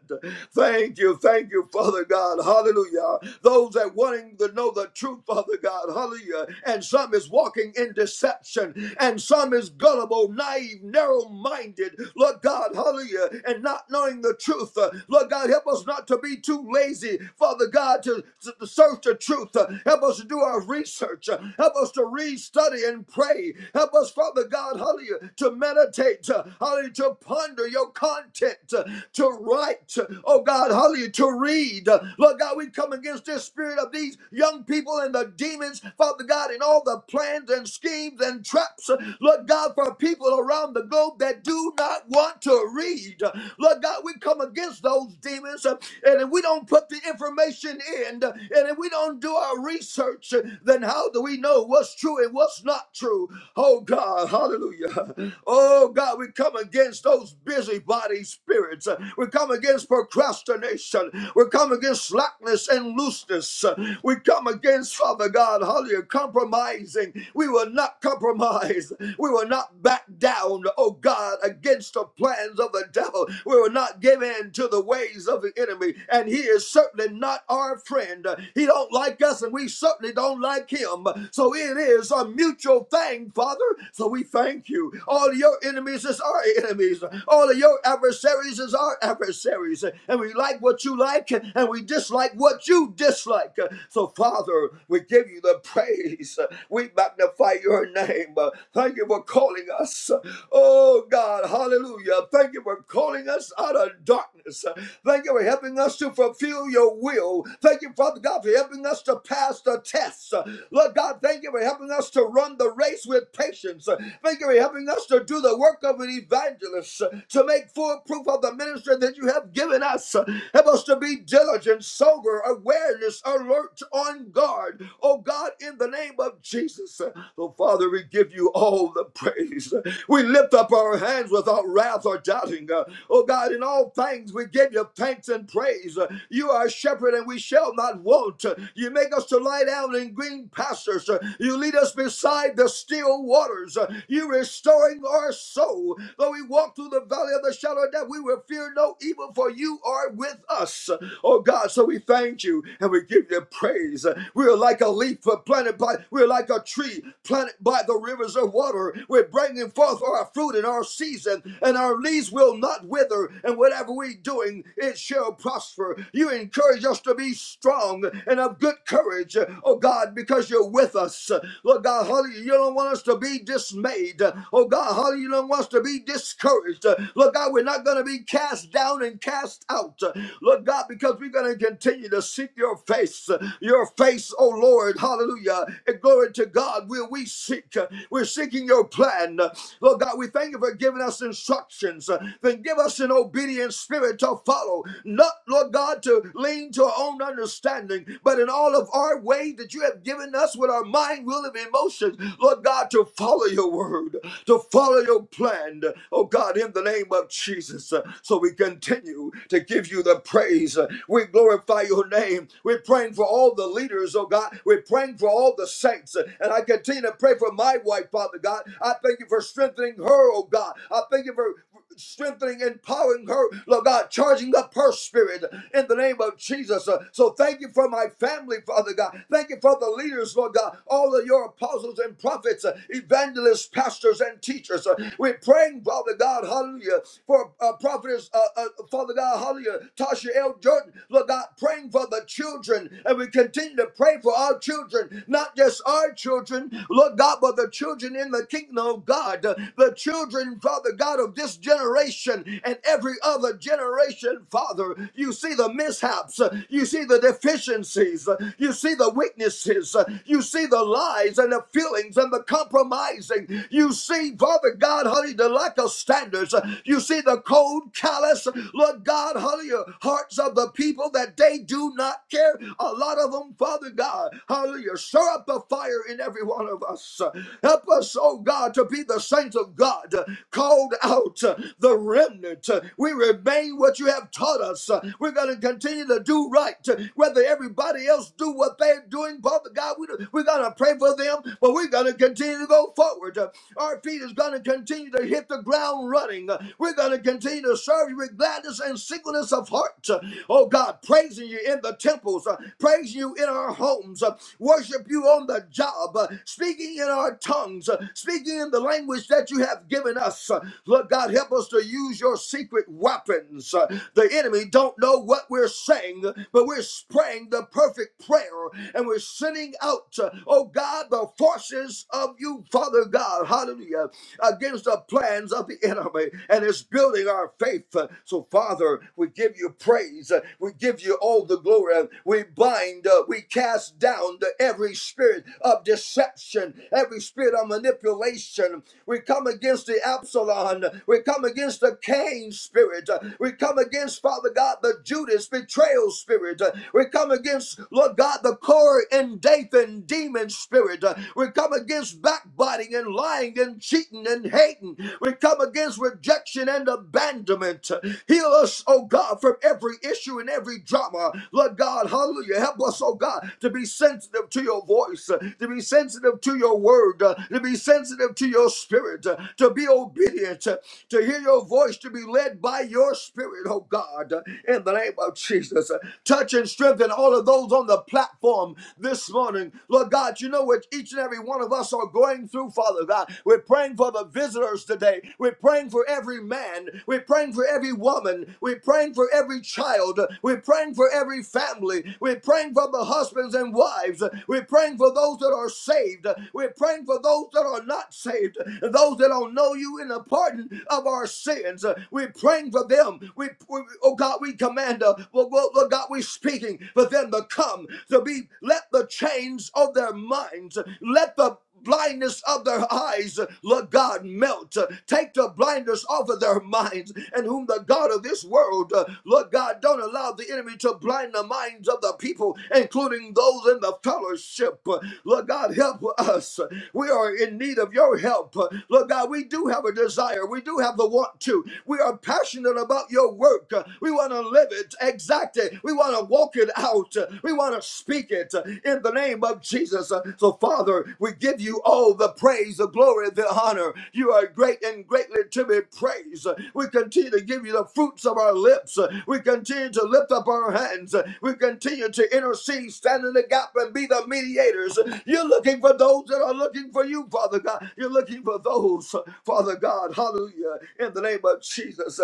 Speaker 3: Thank you, thank you, Father God. Hallelujah. Those that wanting to know the truth, Father God. Hallelujah. And some is walking in deception, and some is gullible, naive, narrow-minded. Lord God, hallelujah, and not knowing the truth. Uh, Lord God, help us not to be too lazy, Father God, to, to, to search the out your truth. Uh, Help us to do our research. Uh, Help us to read, study, and pray. Help us, Father God, hallelujah, to meditate, uh, hallelujah, to ponder your content, uh, to write, uh, oh God, hallelujah, to read. Uh, Lord God, we come against this spirit of these young people and the demons, Father God, and all the plans and schemes and traps, uh, Lord God, for people around the globe that do not want to read. Uh, Lord God, we come against those demons uh, and if we don't put the information in. and and if we don't do our research, uh, then how do we know what's true and what's not true? Oh God, hallelujah. Oh God, we come against those busybody spirits. We come against procrastination. We come against slackness and looseness. We come against, Father God, hallelujah, compromising. We will not compromise. We will not back down, oh God, against the plans of the devil. We will not give in to the ways of the enemy. And he is certainly not our friend mind. He don't like us, and we certainly don't like him. So it is a mutual thing, Father. So we thank you. All of your enemies is our enemies. All of your adversaries is our adversaries. And we like what you like, and we dislike what you dislike. So, Father, we give you the praise. We magnify your name. Thank you for calling us. Oh, God, hallelujah. Thank you for calling us out of darkness. Thank you for helping us to fulfill your will. Thank Thank you, Father God, for helping us to pass the tests. Uh, Lord God, thank you for helping us to run the race with patience. Uh, Thank you for helping us to do the work of an evangelist, uh, to make full proof of the ministry that you have given us. Uh, Help us to be diligent, sober, awareness, alert, on guard. Oh God, in the name of Jesus. Uh, Oh Father, we give you all the praise. Uh, We lift up our hands without wrath or doubting. Uh, Oh God, in all things we give you thanks and praise. Uh, You are shepherd and we that we shall not want. You make us to lie down in green pastures. You lead us beside the still waters. You restoring our soul. Though we walk through the valley of the shadow of death, we will fear no evil, for you are with us. Oh God, so we thank you and we give you praise. We are like a leaf planted by, we are like a tree planted by the rivers of water. We're bringing forth our fruit in our season, and our leaves will not wither, and whatever we're doing, it shall prosper. You encourage just to be strong and of good courage, oh God, because you're with us. Lord God, hallelujah, you don't want us to be dismayed. Oh God, hallelujah, you don't want us to be discouraged. Lord God, we're not going to be cast down and cast out. Lord God, because we're going to continue to seek your face, your face, oh Lord, hallelujah. And glory to God, will we seek? We're seeking your plan. Lord God, we thank you for giving us instructions. Then give us an obedient spirit to follow. Not, Lord God, to lean to our own understanding, but in all of our ways that you have given us with our mind, will, and emotions, Lord God, to follow your word, to follow your plan, oh God, in the name of Jesus. So we continue to give you the praise. We glorify your name. We're praying for all the leaders, oh God. We're praying for all the saints. And I continue to pray for my wife, Father God. I thank you for strengthening her, oh God. I thank you for strengthening, empowering her, Lord God, charging up her spirit in the the name of Jesus. Uh, So thank you for my family, Father God. Thank you for the leaders, Lord God, all of your apostles and prophets, uh, evangelists, pastors, and teachers. Uh, We're praying, Father God, hallelujah, for uh, prophetess, uh, uh, Father God, hallelujah, Tasha L. Jordan, Lord God, praying for the children. And we continue to pray for our children, not just our children, Lord God, but the children in the kingdom of God, uh, the children, Father God, of this generation and every other generation, Father. You see see the mishaps, uh, you see the deficiencies, uh, you see the weaknesses, uh, you see the lies and the feelings and the compromising. You see, Father God, hallelujah! the lack of standards. Uh, You see the cold, callous, Lord God, hallelujah! hearts of the people that they do not care. A lot of them, Father God, hallelujah, stir up the fire in every one of us. Uh, Help us, oh God, to be the saints of God, uh, called out, uh, the remnant. Uh, We remain what you have taught us. uh, we're going to continue to do right. Whether everybody else do what they're doing, Father God, we, do, we're going to pray for them, but we're going to continue to go forward. Our feet is going to continue to hit the ground running. We're going to continue to serve you with gladness and singleness of heart. Oh God, praising you in the temples, uh, praising you in our homes, uh, worship you on the job, uh, speaking in our tongues, uh, speaking in the language that you have given us. Uh, Lord God, help us to use your secret weapons. Uh, The enemy enemy don't know what we're saying, but we're praying the perfect prayer and we're sending out, uh, oh God, the forces of you, Father God, hallelujah, against the plans of the enemy. And it's building our faith. So, Father, we give you praise. We give you all the glory. We bind, uh, we cast down the, every spirit of deception, every spirit of manipulation, we come against the Absalom. We come against the Cain spirit. We come against against, Father God, the Judas betrayal spirit. Uh, We come against, Lord God, the Corey and Dathan demon spirit. Uh, We come against backbiting and lying and cheating and hating. We come against rejection and abandonment. Uh, Heal us, oh God, from every issue and every drama. Lord God, hallelujah. Help us, oh God, to be sensitive to your voice, uh, to be sensitive to your word, uh, to be sensitive to your spirit, uh, to be obedient, uh, to hear your voice, to be led by your spirit morning, oh God, in the name of Jesus. Touch and strengthen all of those on the platform this morning. Lord God, you know what each and every one of us are going through, Father God. We're praying for the visitors today. We're praying for every man. We're praying for every woman. We're praying for every child. We're praying for every family. We're praying for the husbands and wives. We're praying for those that are saved. We're praying for those that are not saved, those that don't know you in the pardon of our sins. We're praying for them. We, we oh God, we command, uh, Lord, Lord, God, we're speaking for them to come to be. Let the chains of their minds, let the blindness of their eyes, Lord God, melt. Take the blindness off of their minds, and whom the God of this world, uh, Lord God, don't allow the enemy to blind the minds of the people, including those in the fellowship. Lord God, help us. We are in need of your help. Lord God, we do have a desire. We do have the want to. We are passionate passionate about your work. Uh, We want to live it exactly. We want to walk it out. Uh, We want to speak it uh, in the name of Jesus. Uh, So, Father, we give you all the praise, the glory, the honor. You are great and greatly to be praised. Uh, We continue to give you the fruits of our lips. Uh, We continue to lift up our hands. Uh, We continue to intercede, stand in the gap, and be the mediators. Uh, You're looking for those that are looking for you, Father God. You're looking for those, uh, Father God. Hallelujah. In the name of Jesus.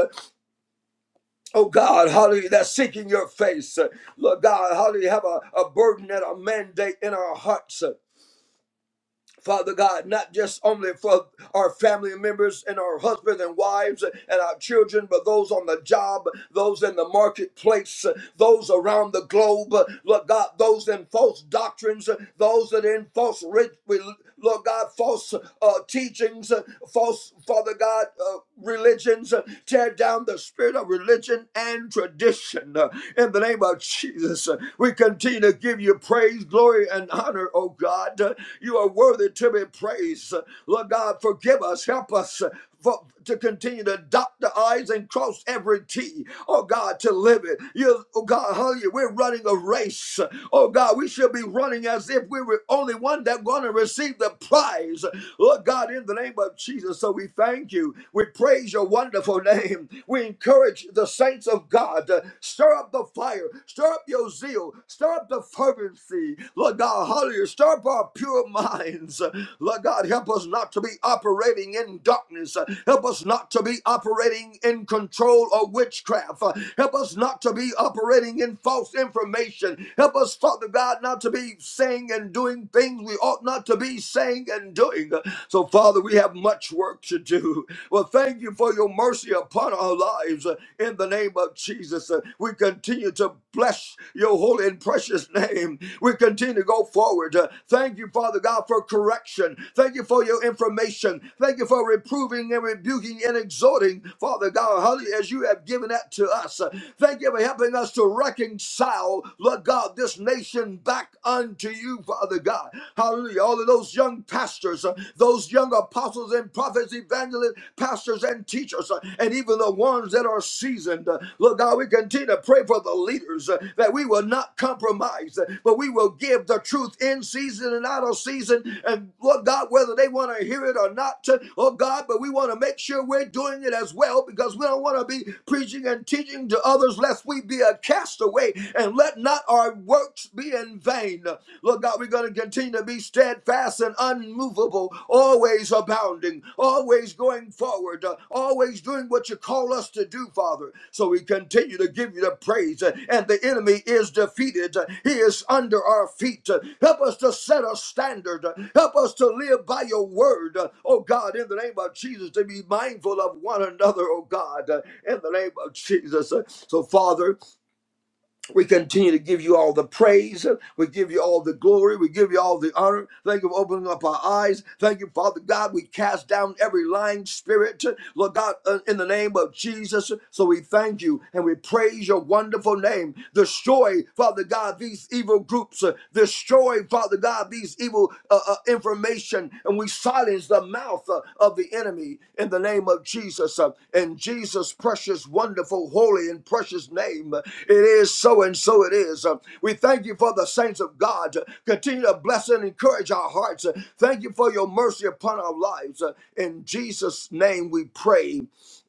Speaker 3: Oh God, hallelujah, that's seeking your face. Uh, Lord God, hallelujah, have a, a burden and a mandate in our hearts. Uh, Father God, not just only for our family members and our husbands and wives and our children, but those on the job, those in the marketplace, those around the globe, Lord God, those in false doctrines, those that are in false, re- re- Lord God, false uh, teachings, false, Father God, uh, religions, tear down the spirit of religion and tradition. In the name of Jesus, we continue to give give you praise, glory, and honor, oh God. You are worthy to be praised. Lord God, forgive us, help us for, to continue to dot the I's and cross every T. Oh God, to live it. You, oh God, hallelujah, we're running a race. Oh God, we should be running as if we were only one that's going to receive the prize. Lord God, in the name of Jesus, so we thank you. We praise your wonderful name. We encourage the saints of God. God. Uh, Stir up the fire. Stir up your zeal. Stir up the fervency. Lord God, hallelujah. Stir up our pure minds. Uh, Lord God, help us not to be operating in darkness. Uh, Help us not to be operating in control or witchcraft. Uh, Help us not to be operating in false information. Help us, Father God, not to be saying and doing things we ought not to be saying and doing. Uh, So, Father, we have much work to do. Well, thank you Thank you for your mercy upon our lives uh, in the name of Jesus. Uh, We continue to bless your holy and precious name. We continue to go forward. Uh, Thank you, Father God, for correction. Thank you for your information. Thank you for reproving and rebuking and exhorting, Father God, hallelujah, as you have given that to us. Uh, Thank you for helping us to reconcile, Lord God, this nation back unto you, Father God. Hallelujah. All of those young pastors pastors, uh, those young apostles and prophets, evangelists, pastors and teachers, uh, and even the ones that are seasoned. Uh, Lord God, we continue to pray for the leaders uh, that we will not compromise, uh, but we will give the truth in season and out of season. And Lord God, whether they want to hear it or not, uh, oh God, but we want to make sure we're doing it as well because we don't want to be preaching and teaching to others lest we be a castaway and let not our works be in vain mind. Lord God, we're going to continue to be steadfast and unmovable, always abounding, always going forward, uh, always doing what you call us to do, Father. So we continue to give you the praise, uh, and the enemy is defeated. Uh, He is under our feet. Uh, Help us to set a standard. Uh, Help us to live by your word, Uh, oh God, in the name of Jesus, to be mindful of one another, oh God, uh, in the name of Jesus. Uh, So, Father, we continue to give you all the praise. We give you all the glory. We give you all the honor. Thank you for opening up our eyes. Thank you, Father God. We cast down every lying spirit, Lord God, uh, in the name of Jesus. So we thank you and we praise your wonderful name. Destroy, Father God, these evil groups. Destroy, Father God, these evil uh, uh, uh, information and we silence the mouth uh, of the enemy in the name of Jesus. Uh, in Jesus' precious, wonderful, holy, and precious name, uh, it is so and so it is. Uh, we thank you for the saints of God. Uh, Continue to bless and encourage our hearts. Uh, thank you for your mercy upon our lives. Uh, in Jesus' name we pray.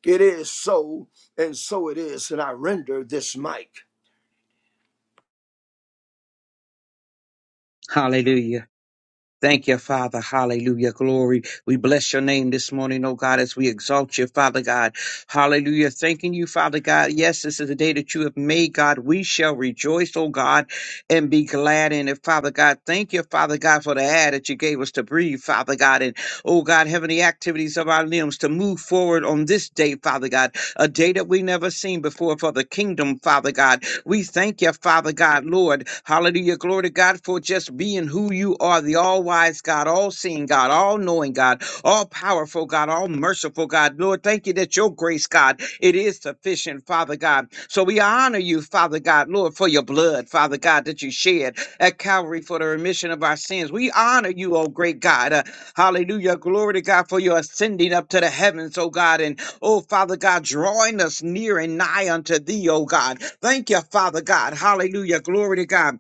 Speaker 3: It is so, and so it is. And I render this mic.
Speaker 4: Hallelujah. Thank you, Father. Hallelujah. Glory. We bless your name this morning, oh God, as we exalt you, Father God. Hallelujah. Thanking you, Father God. Yes, this is the day that you have made, God. We shall rejoice, oh God, and be glad in it, Father God. Thank you, Father God, for the air that you gave us to breathe, Father God. And, oh God, heavenly activities of our limbs to move forward on this day, Father God. A day that we never seen before for the kingdom, Father God. We thank you, Father God, Lord. Hallelujah. Glory to God for just being who you are, the all wise God, all seeing God, all knowing God, all powerful God, all merciful God. Lord, thank you that your grace, God, it is sufficient, Father God. So we honor you, Father God, Lord, for your blood, Father God, that you shed at Calvary for the remission of our sins. We honor you, oh great God. Uh, hallelujah. Glory to God for your ascending up to the heavens, oh God. And oh, Father God, drawing us near and nigh unto thee, oh God. Thank you, Father God. Hallelujah. Glory to God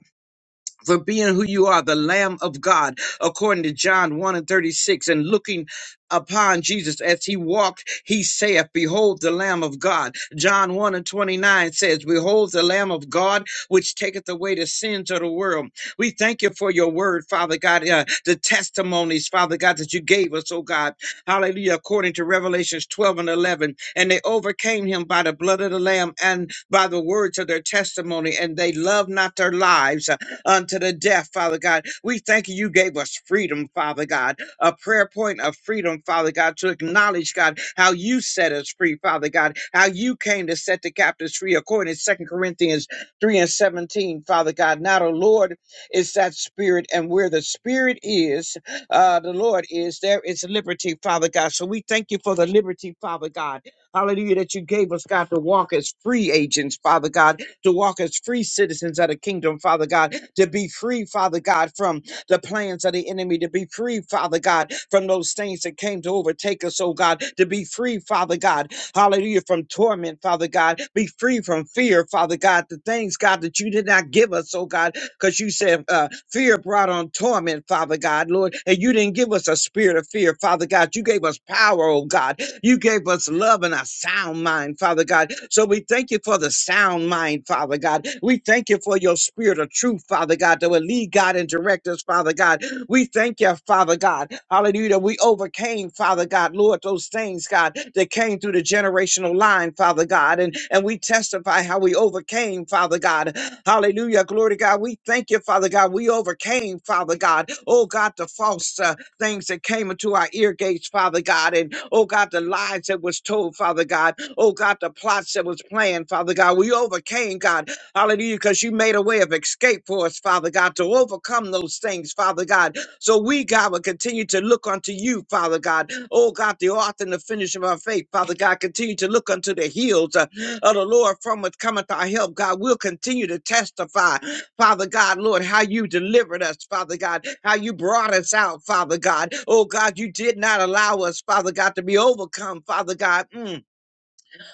Speaker 4: for being who you are, the Lamb of God, according to John 1 and 36. And looking upon Jesus as he walked, he saith, Behold the Lamb of God. John 1 and 29 says, Behold the Lamb of God, which taketh away the sins of the world. We thank you for your word, Father God, uh, the testimonies, Father God, that you gave us, oh God. Hallelujah. According to Revelations 12 and 11. And they overcame him by the blood of the Lamb and by the words of their testimony. And they loved not their lives unto the death, Father God. We thank you, you gave us freedom, Father God, a prayer point of freedom, Father God, to acknowledge, God, how you set us free, Father God, how you came to set the captives free, according to Second Corinthians 3 and 17, Father God. Now the Lord is that spirit, and where the spirit is, uh, the Lord is, there is liberty, Father God. So we thank you for the liberty, Father God. Hallelujah, that you gave us, God, to walk as free agents, Father God to walk as free citizens of the kingdom, Father God, to be free, Father God, from the plans of the enemy, to be free, Father God, from those things that came to overtake us, oh God, to be free, Father God, hallelujah, from torment, Father God, be free from fear, Father God, the things, God, that you did not give us, oh God, because you said uh, fear brought on torment, Father God, Lord, and you didn't give us a spirit of fear, Father God, you gave us power, oh God, you gave us love and a sound mind, Father God. So we thank you for the sound mind, Father God. We thank you for your spirit of truth, Father God, that will lead God and direct us, Father God. We thank you, Father God. Hallelujah. that We overcame, Father God, Lord, those things, God, that came through the generational line, Father God. And, and we testify how we overcame, Father God. Hallelujah. Glory to God. We thank you, Father God. We overcame, Father God. Oh God, the false. uh, things that came into our ear gates, Father God, and oh God, the lies that was told, Father God, oh God, the plots that was planned, Father God. We overcame, God, hallelujah, because you made a way of escape for us, Father God, to overcome those things, Father God. So we, God, will continue to look unto you, Father God, oh God, the author and the finish of our faith, Father God, continue to look unto the hills uh, of the Lord from us cometh our help, God. We'll continue to testify Father God, Lord, how you delivered us, Father God, how you brought us out, Father God. Oh God, you did not allow us, Father God, to be overcome, Father God. Mm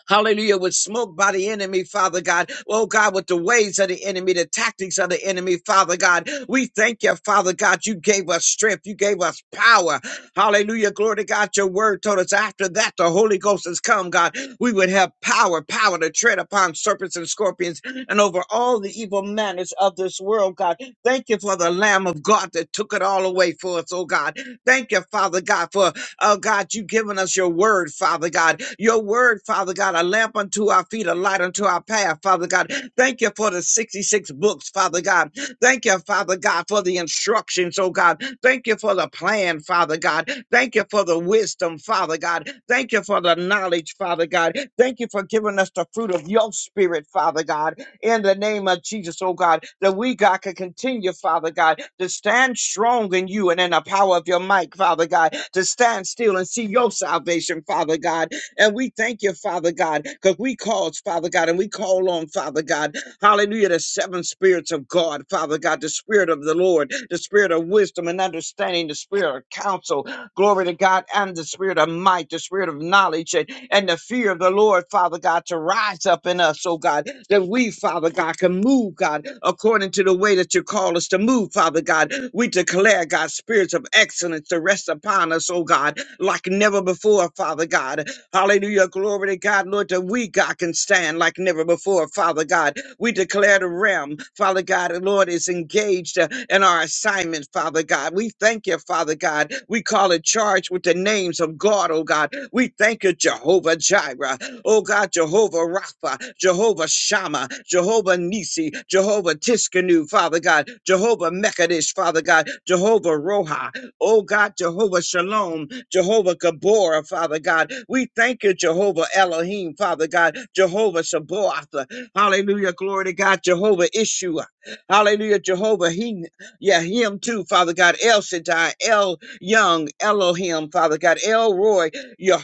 Speaker 4: hallelujah, was smoked by the enemy, Father God. Oh God, with the ways of the enemy, the tactics of the enemy, Father God. We thank you, Father God. You gave us strength, you gave us power. Hallelujah. Glory to God. Your word told us after that the Holy Ghost has come, God. We would have power, power to tread upon serpents and scorpions and over all the evil manners of this world, God. Thank you for the Lamb of God that took it all away for us, oh God. Thank you, Father God, for Oh God, you've given us your word, Father God. Your word, Father God, a lamp unto our feet, a light unto our path, Father God. Thank you for the 66 books, Father God. Thank you, Father God, for the instructions, oh God. Thank you for the plan, Father God. Thank you for the wisdom, Father God. Thank you for the knowledge, Father God. Thank you for giving us the fruit of your spirit, Father God in the name of Jesus, oh God, that we, God, can continue, Father God, to stand strong in you and in the power of your might, Father God, to stand still and see your salvation, Father God. And we thank you, Father God, because we cause, Father God, and we call on, Father God, hallelujah, the seven spirits of God, Father God, the spirit of the Lord, the spirit of wisdom and understanding, the spirit of counsel, Glory to God, and the spirit of might, the spirit of knowledge, and, and the fear of the Lord, Father God, to rise up in us, oh God, that we, Father God, can move, God, according to the way that you call us to move, Father God. We declare, God, spirits of excellence to rest upon us, oh God, like never before, Father God. Hallelujah. Glory to God, Lord, that we, God, can stand like never before, Father God. We declare the realm, Father God, the Lord is engaged uh, in our assignment, Father God. We thank you, Father God. We call it charged with the names of God, oh God. We thank you, Jehovah Jireh, oh God, Jehovah Rapha, Jehovah Shammah, Jehovah Nisi, Jehovah Tiskanu, Father God, Jehovah Mekadesh, Father God, Jehovah Roha, oh God, Jehovah Shalom, Jehovah Gabora, Father God. We thank you, Jehovah Elohim, Father God, Jehovah Sabaoth, Hallelujah. Glory to God. Jehovah Ishua. Hallelujah. Jehovah. He, yeah, him too, Father God. El Shaddai, El Young, Elohim, Father God. El Roy, Yah-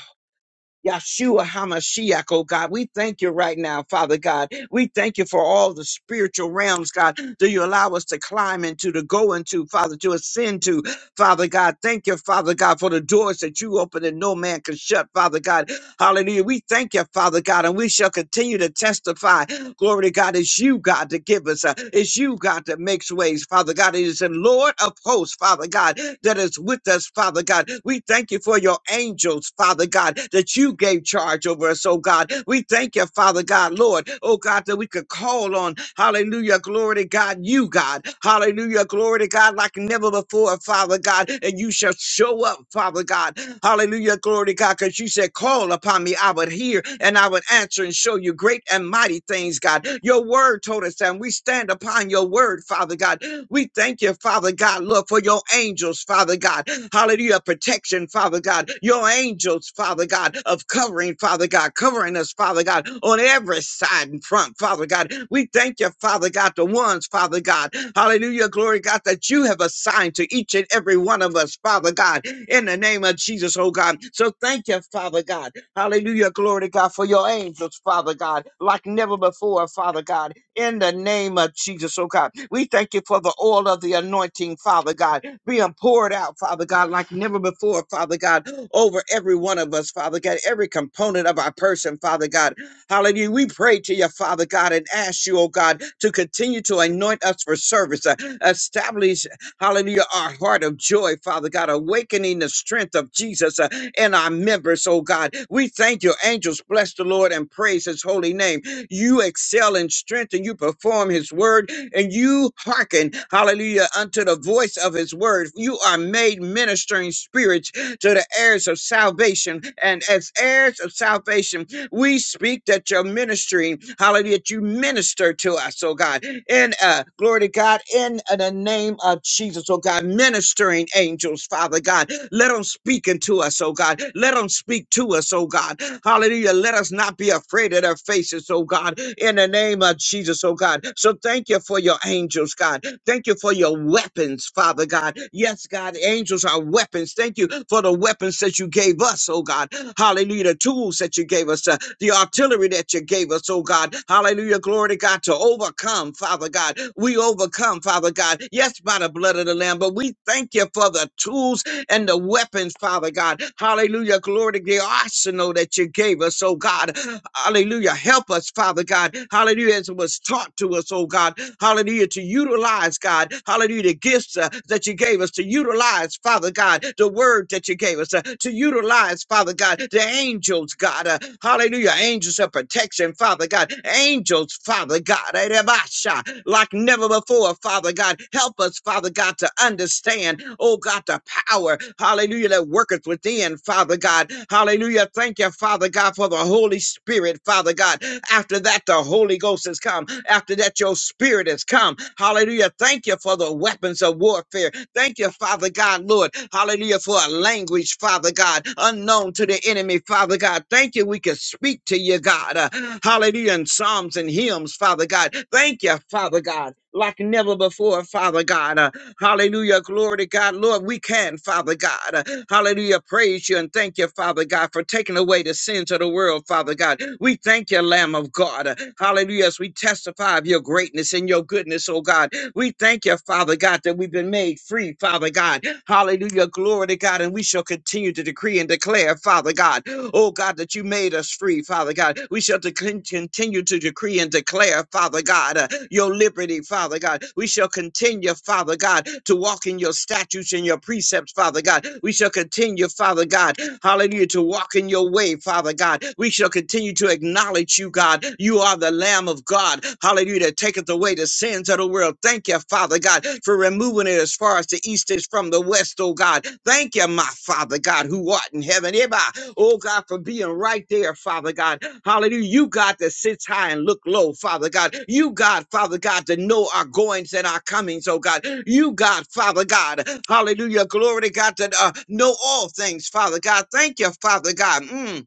Speaker 4: Yahshua Hamashiach, oh God. We thank you right now, Father God. We thank you for all the spiritual realms, God, that you allow us to climb into, to go into, Father, to ascend to, Father God. Thank you, Father God, for the doors that you open and no man can shut, Father God. Hallelujah. We thank you, Father God, and we shall continue to testify. Glory to God. It's you, God, to give us. Uh, it's you, God, that makes ways, Father God. It is the Lord of hosts, Father God, that is with us, Father God. We thank you for your angels, Father God, that you gave charge over us, oh God. We thank you, Father God, Lord, oh God God, that we could call on. Hallelujah. Glory to God, you, God. Hallelujah. Glory to God, like never before, Father God. And you shall show up, Father God. Hallelujah. Glory to God, because you said, Call upon me. I would hear and I would answer and show you great and mighty things, God. Your word told us that. And we stand upon your word, Father God. We thank you, Father God, Lord, for your angels, Father God. Hallelujah. Protection, Father God. Your angels, Father God, of covering, Father God, covering us, Father God, on every side and front, Father God. We thank you, Father God, the ones, Father God. Hallelujah. Glory, God, that you have assigned to each and every one of us, Father God, in the name of Jesus, oh God. So thank you, Father God. Hallelujah. Glory to God for your angels, Father God, like never before, Father God in the name of Jesus, oh God. We thank you for the oil of the anointing, Father God, being poured out, Father God, like never before, Father God, over every one of us, Father God, every component of our person, Father God. Hallelujah. We pray to you, Father God, and ask you, oh God, to continue to anoint us for service, uh, establish, hallelujah, our heart of joy, Father God, awakening the strength of Jesus uh, in our members, oh God. We thank you, angels. Bless the Lord and praise his holy name. You excel in strength and you perform his word and you hearken, hallelujah, unto the voice of his word. You are made ministering spirits to the heirs of salvation. And as heirs of salvation, we speak that your ministry, hallelujah, that you minister to us, oh God, in uh, glory to God, in uh, the name of Jesus, oh God, ministering angels, Father God, let them speak into us, oh God, let them speak to us, oh God, hallelujah, let us not be afraid of their faces, oh God, in the name of Jesus, oh God. So thank you for for your angels, God. Thank you for your weapons, Father God. Yes, God, angels are weapons. Thank you for the weapons that you gave us, oh God. Hallelujah. The tools that you gave us, uh, the artillery that you gave us, oh God. Hallelujah. Glory to God to overcome, Father God. We overcome, Father God. Yes, by the blood of the Lamb, but we thank you for the tools and the weapons, Father God. Hallelujah. Glory to the arsenal that you gave us, oh God. Hallelujah. Help us, Father God. Hallelujah. As it was taught to us, oh God. Hallelujah. To utilize, God. Hallelujah. The gifts uh, that you gave us, to utilize, Father God, the word that you gave us, uh, to utilize, Father God, the angels, God. uh, hallelujah. Angels of protection, Father God. Angels, Father God. eh, Rabasha, Like never before, Father God. Help us, Father God, to understand understand, oh God, the power, hallelujah, that worketh within, Father God. Hallelujah. Thank you, Father God, for the Holy Spirit, Father God. After that, the Holy Ghost has come. After that, your spirit has come. Hallelujah. Thank you for the weapons of warfare. Thank you, Father God, Lord. Hallelujah, for a language, Father God, unknown to the enemy, Father God. Thank you. We can speak to you, God. Uh, hallelujah. In Psalms and hymns, Father God. Thank you, Father God. Like never before, Father God. Uh, Hallelujah. Glory to God. Lord, we can, Father God. Hallelujah. Praise you and thank you, Father God, for taking away the sins of the world, Father God. We thank you, Lamb of God. Hallelujah. As we testify of your greatness and your goodness, oh God. We thank you, Father God, that we've been made free, Father God. Hallelujah. Glory to God. And we shall continue to decree and declare, Father God, oh God, that you made us free, Father God. We shall to con- continue to decree and declare, Father God, uh, your liberty, Father God. We shall continue, Father God, to walk in your statutes and your precepts, Father God. We shall continue, Father God, hallelujah, to walk in your way, Father God. We shall continue to acknowledge you, God. You are the Lamb of God, hallelujah that that taketh away the sins of the world. Thank you, Father God, for removing it as far as the east is from the west, oh God. Thank you, my Father God, who art in heaven. Everybody, oh God, for being right there, Father God. Hallelujah. You, God, that sits high and look low, Father God. You, God, Father God, to know our goings and our comings, oh God. You, God, Father God. Hallelujah. Glory to God, to uh, know all things, Father God. Thank you, Father God. Mm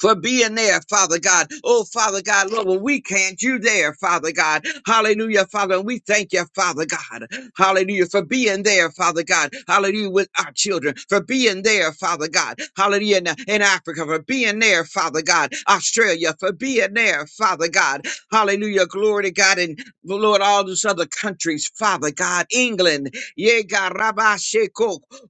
Speaker 4: for being there, Father God. Oh, Father God, Lord, when we can't, you there, Father God. Hallelujah, Father. And we thank you, Father God. Hallelujah, for being there, Father God. Hallelujah, with our children, for being there, Father God. Hallelujah, in, in Africa, for being there, Father God. Australia, for being there, Father God. Hallelujah, glory to God. And Lord, all those other countries, Father God, England, yeah, God, Rabbi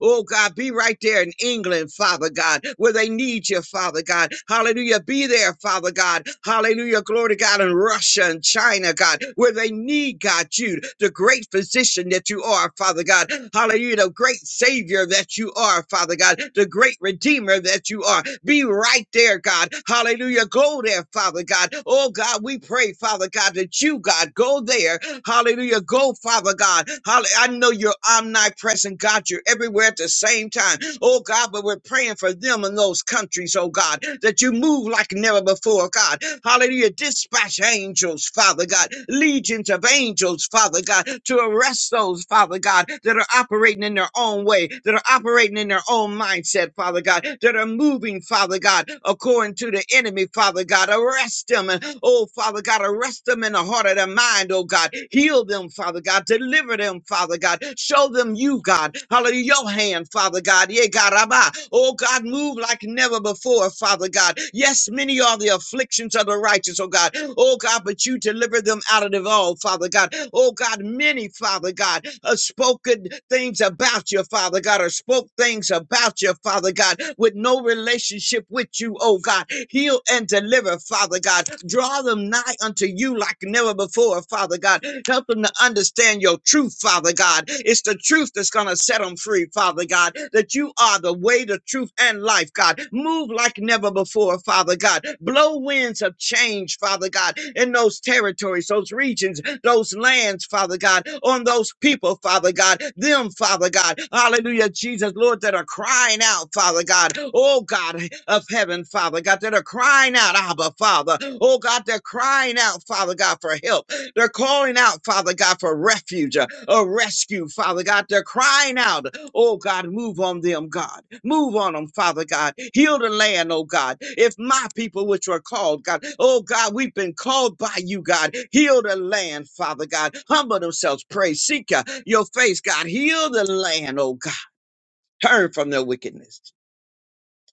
Speaker 4: Oh God, be right there in England, Father God, where they need you, Father God. Hallelujah. Be there, Father God. Hallelujah. Glory to God in Russia and China, God, where they need God, you, the great physician that you are, Father God. Hallelujah. The great savior that you are, Father God, the great redeemer that you are. Be right there, God. Hallelujah. Go there, Father God. Oh God, we pray, Father God, that you, God, go there. Hallelujah. Go, Father God. Hallelujah. I know you're omnipotent nigh present God. You're everywhere at the same time. Oh God, but we're praying for them in those countries, oh God, that you move like never before, God. Hallelujah. Dispatch angels, Father God, legions of angels, Father God, to arrest those, Father God, that are operating in their own way, that are operating in their own mindset, Father God, that are moving, Father God, according to the enemy, Father God. Arrest them and Oh, Father God, arrest them in the heart of their mind, oh God. Heal them, Father God. Deliver them them, Father God. Show them you, God. Hallelujah. Your hand, Father God. Yeah, God. Abba. Oh, God, move like never before, Father God. Yes, many are the afflictions of the righteous, oh God. Oh, God, but you deliver them out of it all, Father God. Oh, God, many, Father God, have spoken things about you, Father God, or spoke things about you, Father God, with no relationship with you, oh God. Heal and deliver, Father God. Draw them nigh unto you like never before, Father God. Help them them to understand your truth, Father God. It's the truth that's going to set them free, Father God, that you are the way, the truth, and life, God. Move like never before, Father God. Blow winds of change, Father God, in those territories, those regions, those lands, Father God, on those people, Father God, them, Father God. Hallelujah, Jesus, Lord, that are crying out, Father God. Oh, God of heaven, Father God, that are crying out, Abba, Father. Oh, God, they're crying out, Father God, for help. They're calling out, Father God, for refuge, uh, a rescue, Father God. They're crying out, oh God, move on them, God. Move on them, Father God. Heal the land, oh God. If my people, which are called, God, oh God, we've been called by you, God. Heal the land, Father God. Humble themselves, pray, seek uh, your face, God. Heal the land, oh God. Turn from their wickedness.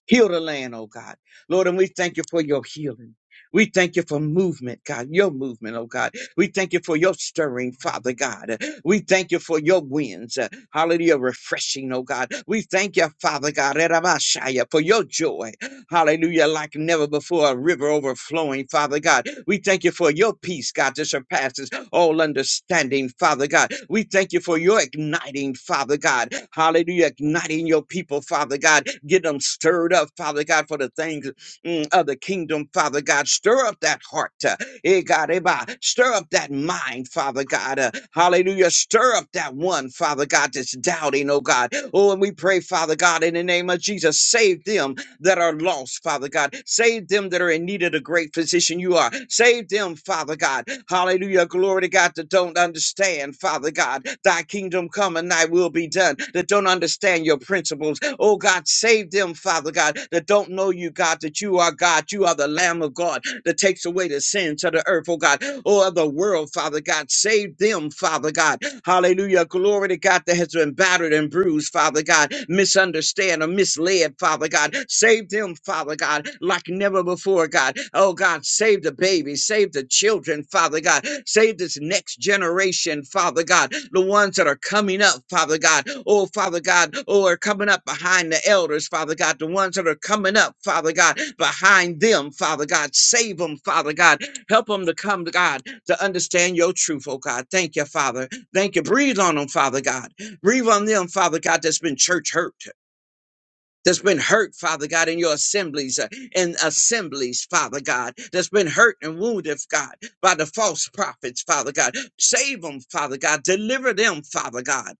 Speaker 4: Heal the land, oh God. Lord, and we thank you for your healing. We thank you for movement, God, your movement, oh God. We thank you for your stirring, Father God. We thank you for your winds, uh, hallelujah, refreshing, oh God. We thank you, Father God, Erabashaya, for your joy, hallelujah, like never before, a river overflowing, Father God. We thank you for your peace, God, that surpasses all understanding, Father God. We thank you for your igniting, Father God. Hallelujah. Igniting your people, Father God. Get them stirred up, Father God, for the things mm, of the kingdom, Father God. Stir up that heart. uh, eh, God, eh, bah. Stir up that mind, Father God. uh, Hallelujah. Stir up that one, Father God, that's doubting, oh God. Oh, and we pray, Father God, in the name of Jesus, save them that are lost, Father God. Save them that are in need of the great physician you are. Save them, Father God. Hallelujah. Glory to God that don't understand, Father God. Thy kingdom come and thy will be done. That don't understand your principles. Oh God, save them, Father God, that don't know you, God, that you are God. You are the Lamb of God that takes away the sins of the earth, oh God, or of the world, Father God. Save them, Father God. Hallelujah. glory glory to God, that has been battered and bruised, Father God, misunderstand or misled, Father God. Save them, Father God, like never before, God. Oh God, save the babies, save the children, Father God. Save this next generation, Father God. The ones that are coming up, Father God. Oh, Father God, oh, are coming up behind the elders, Father God. The ones that are coming up, Father God, behind them, Father God. Save them, Father God. Help them to come to God to understand your truth, oh God. Thank you, Father. Thank you. Breathe on them, Father God. Breathe on them, Father God, that's been church hurt. That's been hurt, Father God, in your assemblies uh, and assemblies, Father God. That's been hurt and wounded, God, by the false prophets, Father God. Save them, Father God. Deliver them, Father God.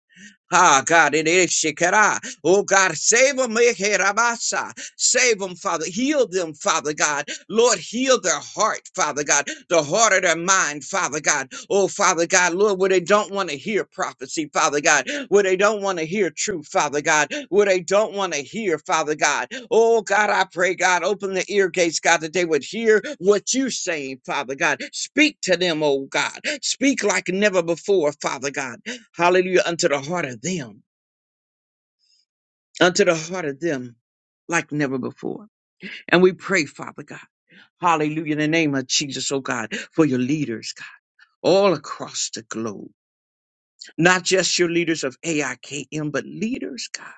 Speaker 4: Ah, God, it is Shekara. Oh, God, save them, Rabasa. Save them, Father. Heal them, Father God. Lord, heal their heart, Father God. The heart of their mind, Father God. Oh, Father God, Lord, where they don't want to hear prophecy, Father God. Where they don't want to hear truth, Father God. Where they don't want to hear, Father God. Oh, God, I pray, God, open the ear gates, God, that they would hear what you're saying, Father God. Speak to them, oh, God. Speak like never before, Father God. Hallelujah. Unto the heart of them. Unto the heart of them like never before. And we pray, Father God. Hallelujah. In the name of Jesus, oh God, for your leaders, God, all across the globe. Not just your leaders of AIKM, but leaders, God.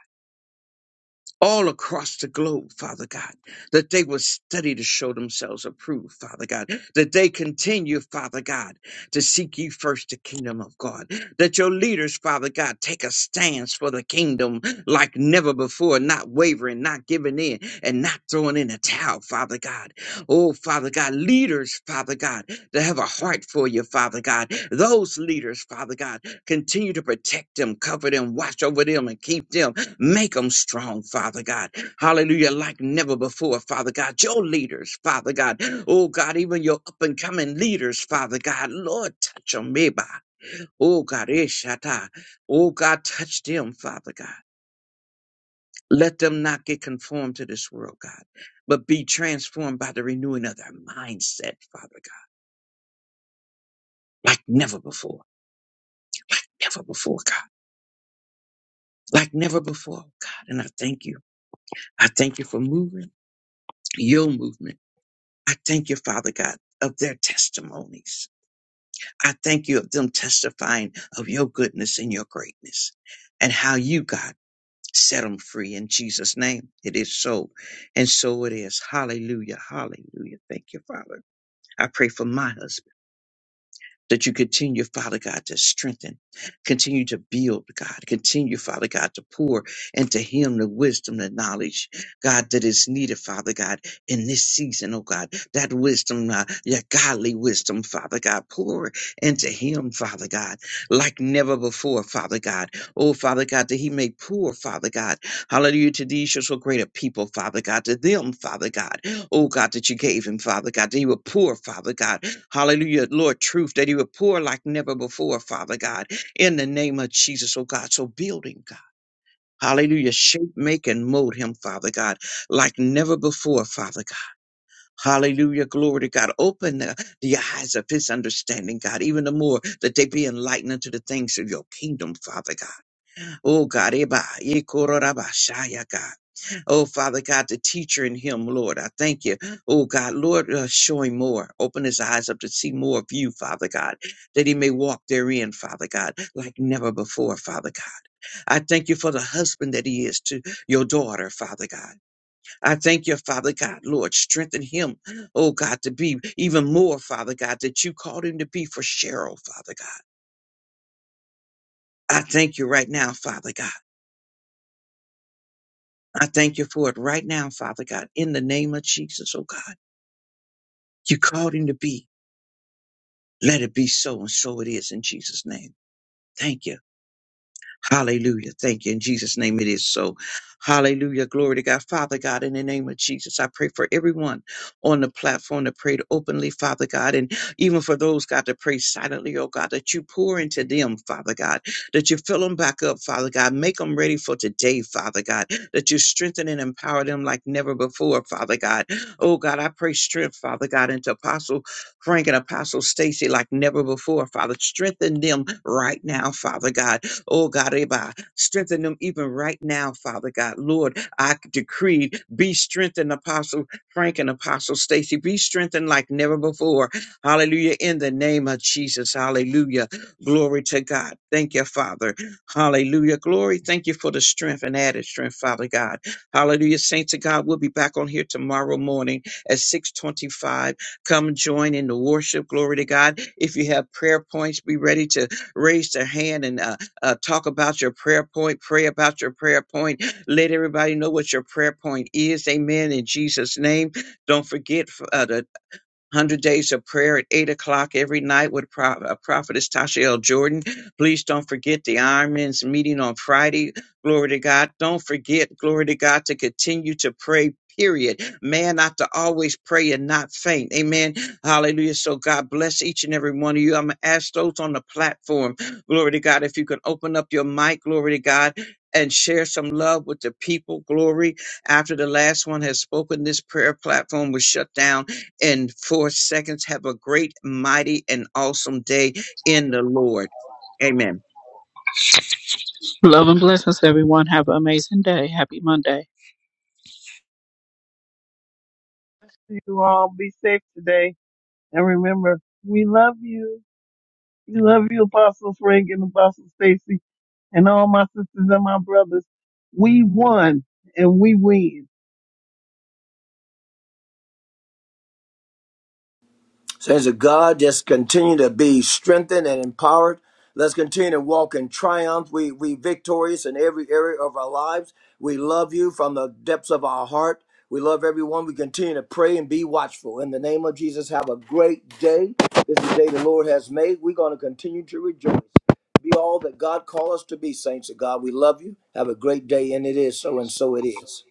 Speaker 4: all across the globe, Father God, that they will study to show themselves approved, Father God, that they continue, Father God, to seek ye first the kingdom of God, that your leaders, Father God, take a stance for the kingdom like never before, not wavering, not giving in, and not throwing in a towel, Father God. Oh, Father God, leaders, Father God, that have a heart for you, Father God, those leaders, Father God, continue to protect them, cover them, watch over them, and keep them Make them strong, Father God. Hallelujah. Like never before, Father God. Your leaders, Father God. Oh God, even your up and coming leaders, Father God. Lord, touch them, maybe. Oh God, Eshata. Oh God, touch them, Father God. Let them not get conformed to this world, God, but be transformed by the renewing of their mindset, Father God. Like never before. Never before, God. Like never before, God. And I thank you. I thank you for moving your movement I thank you, Father God, of their testimonies. I thank you of them testifying of your goodness and your greatness and how you, God, set them free in Jesus' name. It is so. And so it is. Hallelujah. Hallelujah. Thank you, Father. I pray for my husband that you continue, Father God, to strengthen, continue to build, God, continue, Father God, to pour into him the wisdom, the knowledge, God, that is needed, Father God, in this season, oh God, that wisdom, uh, your godly wisdom, Father God, pour into him, Father God, like never before, Father God. Oh, Father God, that he may pour, Father God, hallelujah, to these your so great a people, Father God, to them, Father God, oh God, that you gave him, Father God, that he would pour, Father God, Hallelujah, Lord, truth that He would pour like never before, Father God, in the name of Jesus, oh God. So build Him, God. Hallelujah. Shape, make, and mold him, Father God, like never before, Father God. Hallelujah. Glory to God. Open the, the eyes of his understanding, God, even the more that they be enlightened unto the things of your kingdom, Father God. Oh God, Eba, Yekororaba, Shaya, God. Oh, Father God, the teacher in him, Lord, I thank you. Oh, God, Lord, uh, show him more. Open his eyes up to see more of you, Father God, that he may walk therein, Father God, like never before, Father God. I thank you for the husband that he is to your daughter, Father God. I thank you, Father God, Lord, strengthen him, oh, God, to be even more, Father God, that you called him to be for Cheryl, Father God. I thank you right now, Father God. I thank you for it right now, Father God, in the name of Jesus, oh God. You called him to be. Let it be so, and so it is in Jesus' name. Thank you. Hallelujah. Thank you. In Jesus' name it is so. Hallelujah. Glory to God. Father God, in the name of Jesus, I pray for everyone on the platform that prayed openly, Father God, and even for those, God, that pray silently, oh God, that you pour into them, Father God, that you fill them back up, Father God. Make them ready for today, Father God, that you strengthen and empower them like never before, Father God. Oh God, I pray strength, Father God, into Apostle Frank and Apostle Stacy like never before, Father. Strengthen them right now, Father God. Oh God, Eba, strengthen them even right now, Father God. Lord, I decree, be strengthened, Apostle Frank and Apostle Stacy. Be strengthened like never before. Hallelujah. In the name of Jesus. Hallelujah. Glory to God. Thank you, Father. Hallelujah. Glory. Thank you for the strength and added strength, Father God. Hallelujah. Saints of God, we'll be back on here tomorrow morning at 625. Come join in the worship. Glory to God. If you have prayer points, be ready to raise their hand and uh, uh, talk about your prayer point. Pray about your prayer point. Let everybody know what your prayer point is. Amen. In Jesus' name. Don't forget uh, to 100 Days of Prayer at 8 o'clock every night with Pro- uh, Prophetess Tasha L. Jordan. Please don't forget the Ironman's meeting on Friday. Glory to God. Don't forget, glory to God, to continue to pray. Period. Man ought to always pray and not faint. Amen. Hallelujah. So God bless each and every one of you. I'm going to ask those on the platform, glory to God, if you can open up your mic, glory to God, and share some love with the people. Glory. After the last one has spoken, this prayer platform was shut down and four seconds. Have a great, mighty, and awesome day in the Lord. Amen.
Speaker 1: Love and blessings, everyone. Have an amazing day. Happy Monday.
Speaker 2: You all be safe today. And remember, we love you. We love you, Apostle Frank and Apostle Stacy. and all my sisters and my brothers, we won and we win.
Speaker 3: Saints of God, just continue to be strengthened and empowered. Let's continue to walk in triumph. We we victorious in every area of our lives. We love you from the depths of our heart. We love everyone. We continue to pray and be watchful. In the name of Jesus, have a great day. This is the day the Lord has made. We're going to continue to rejoice. Be all that God called us to be, saints of God. We love you. Have a great day, and it is so, and so it is.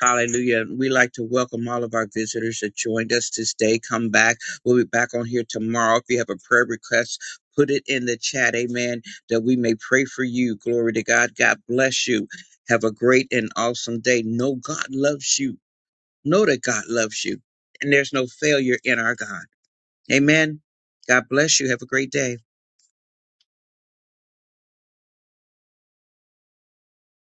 Speaker 4: Hallelujah. We like to welcome all of our visitors that joined us this day. Come back. We'll be back on here tomorrow. If you have a prayer request, put it in the chat. Amen. That we may pray for you. Glory to God. God bless you. Have a great and awesome day. Know God loves you. Know that God loves you. And there's no failure in our God. Amen. God bless you. Have a great day.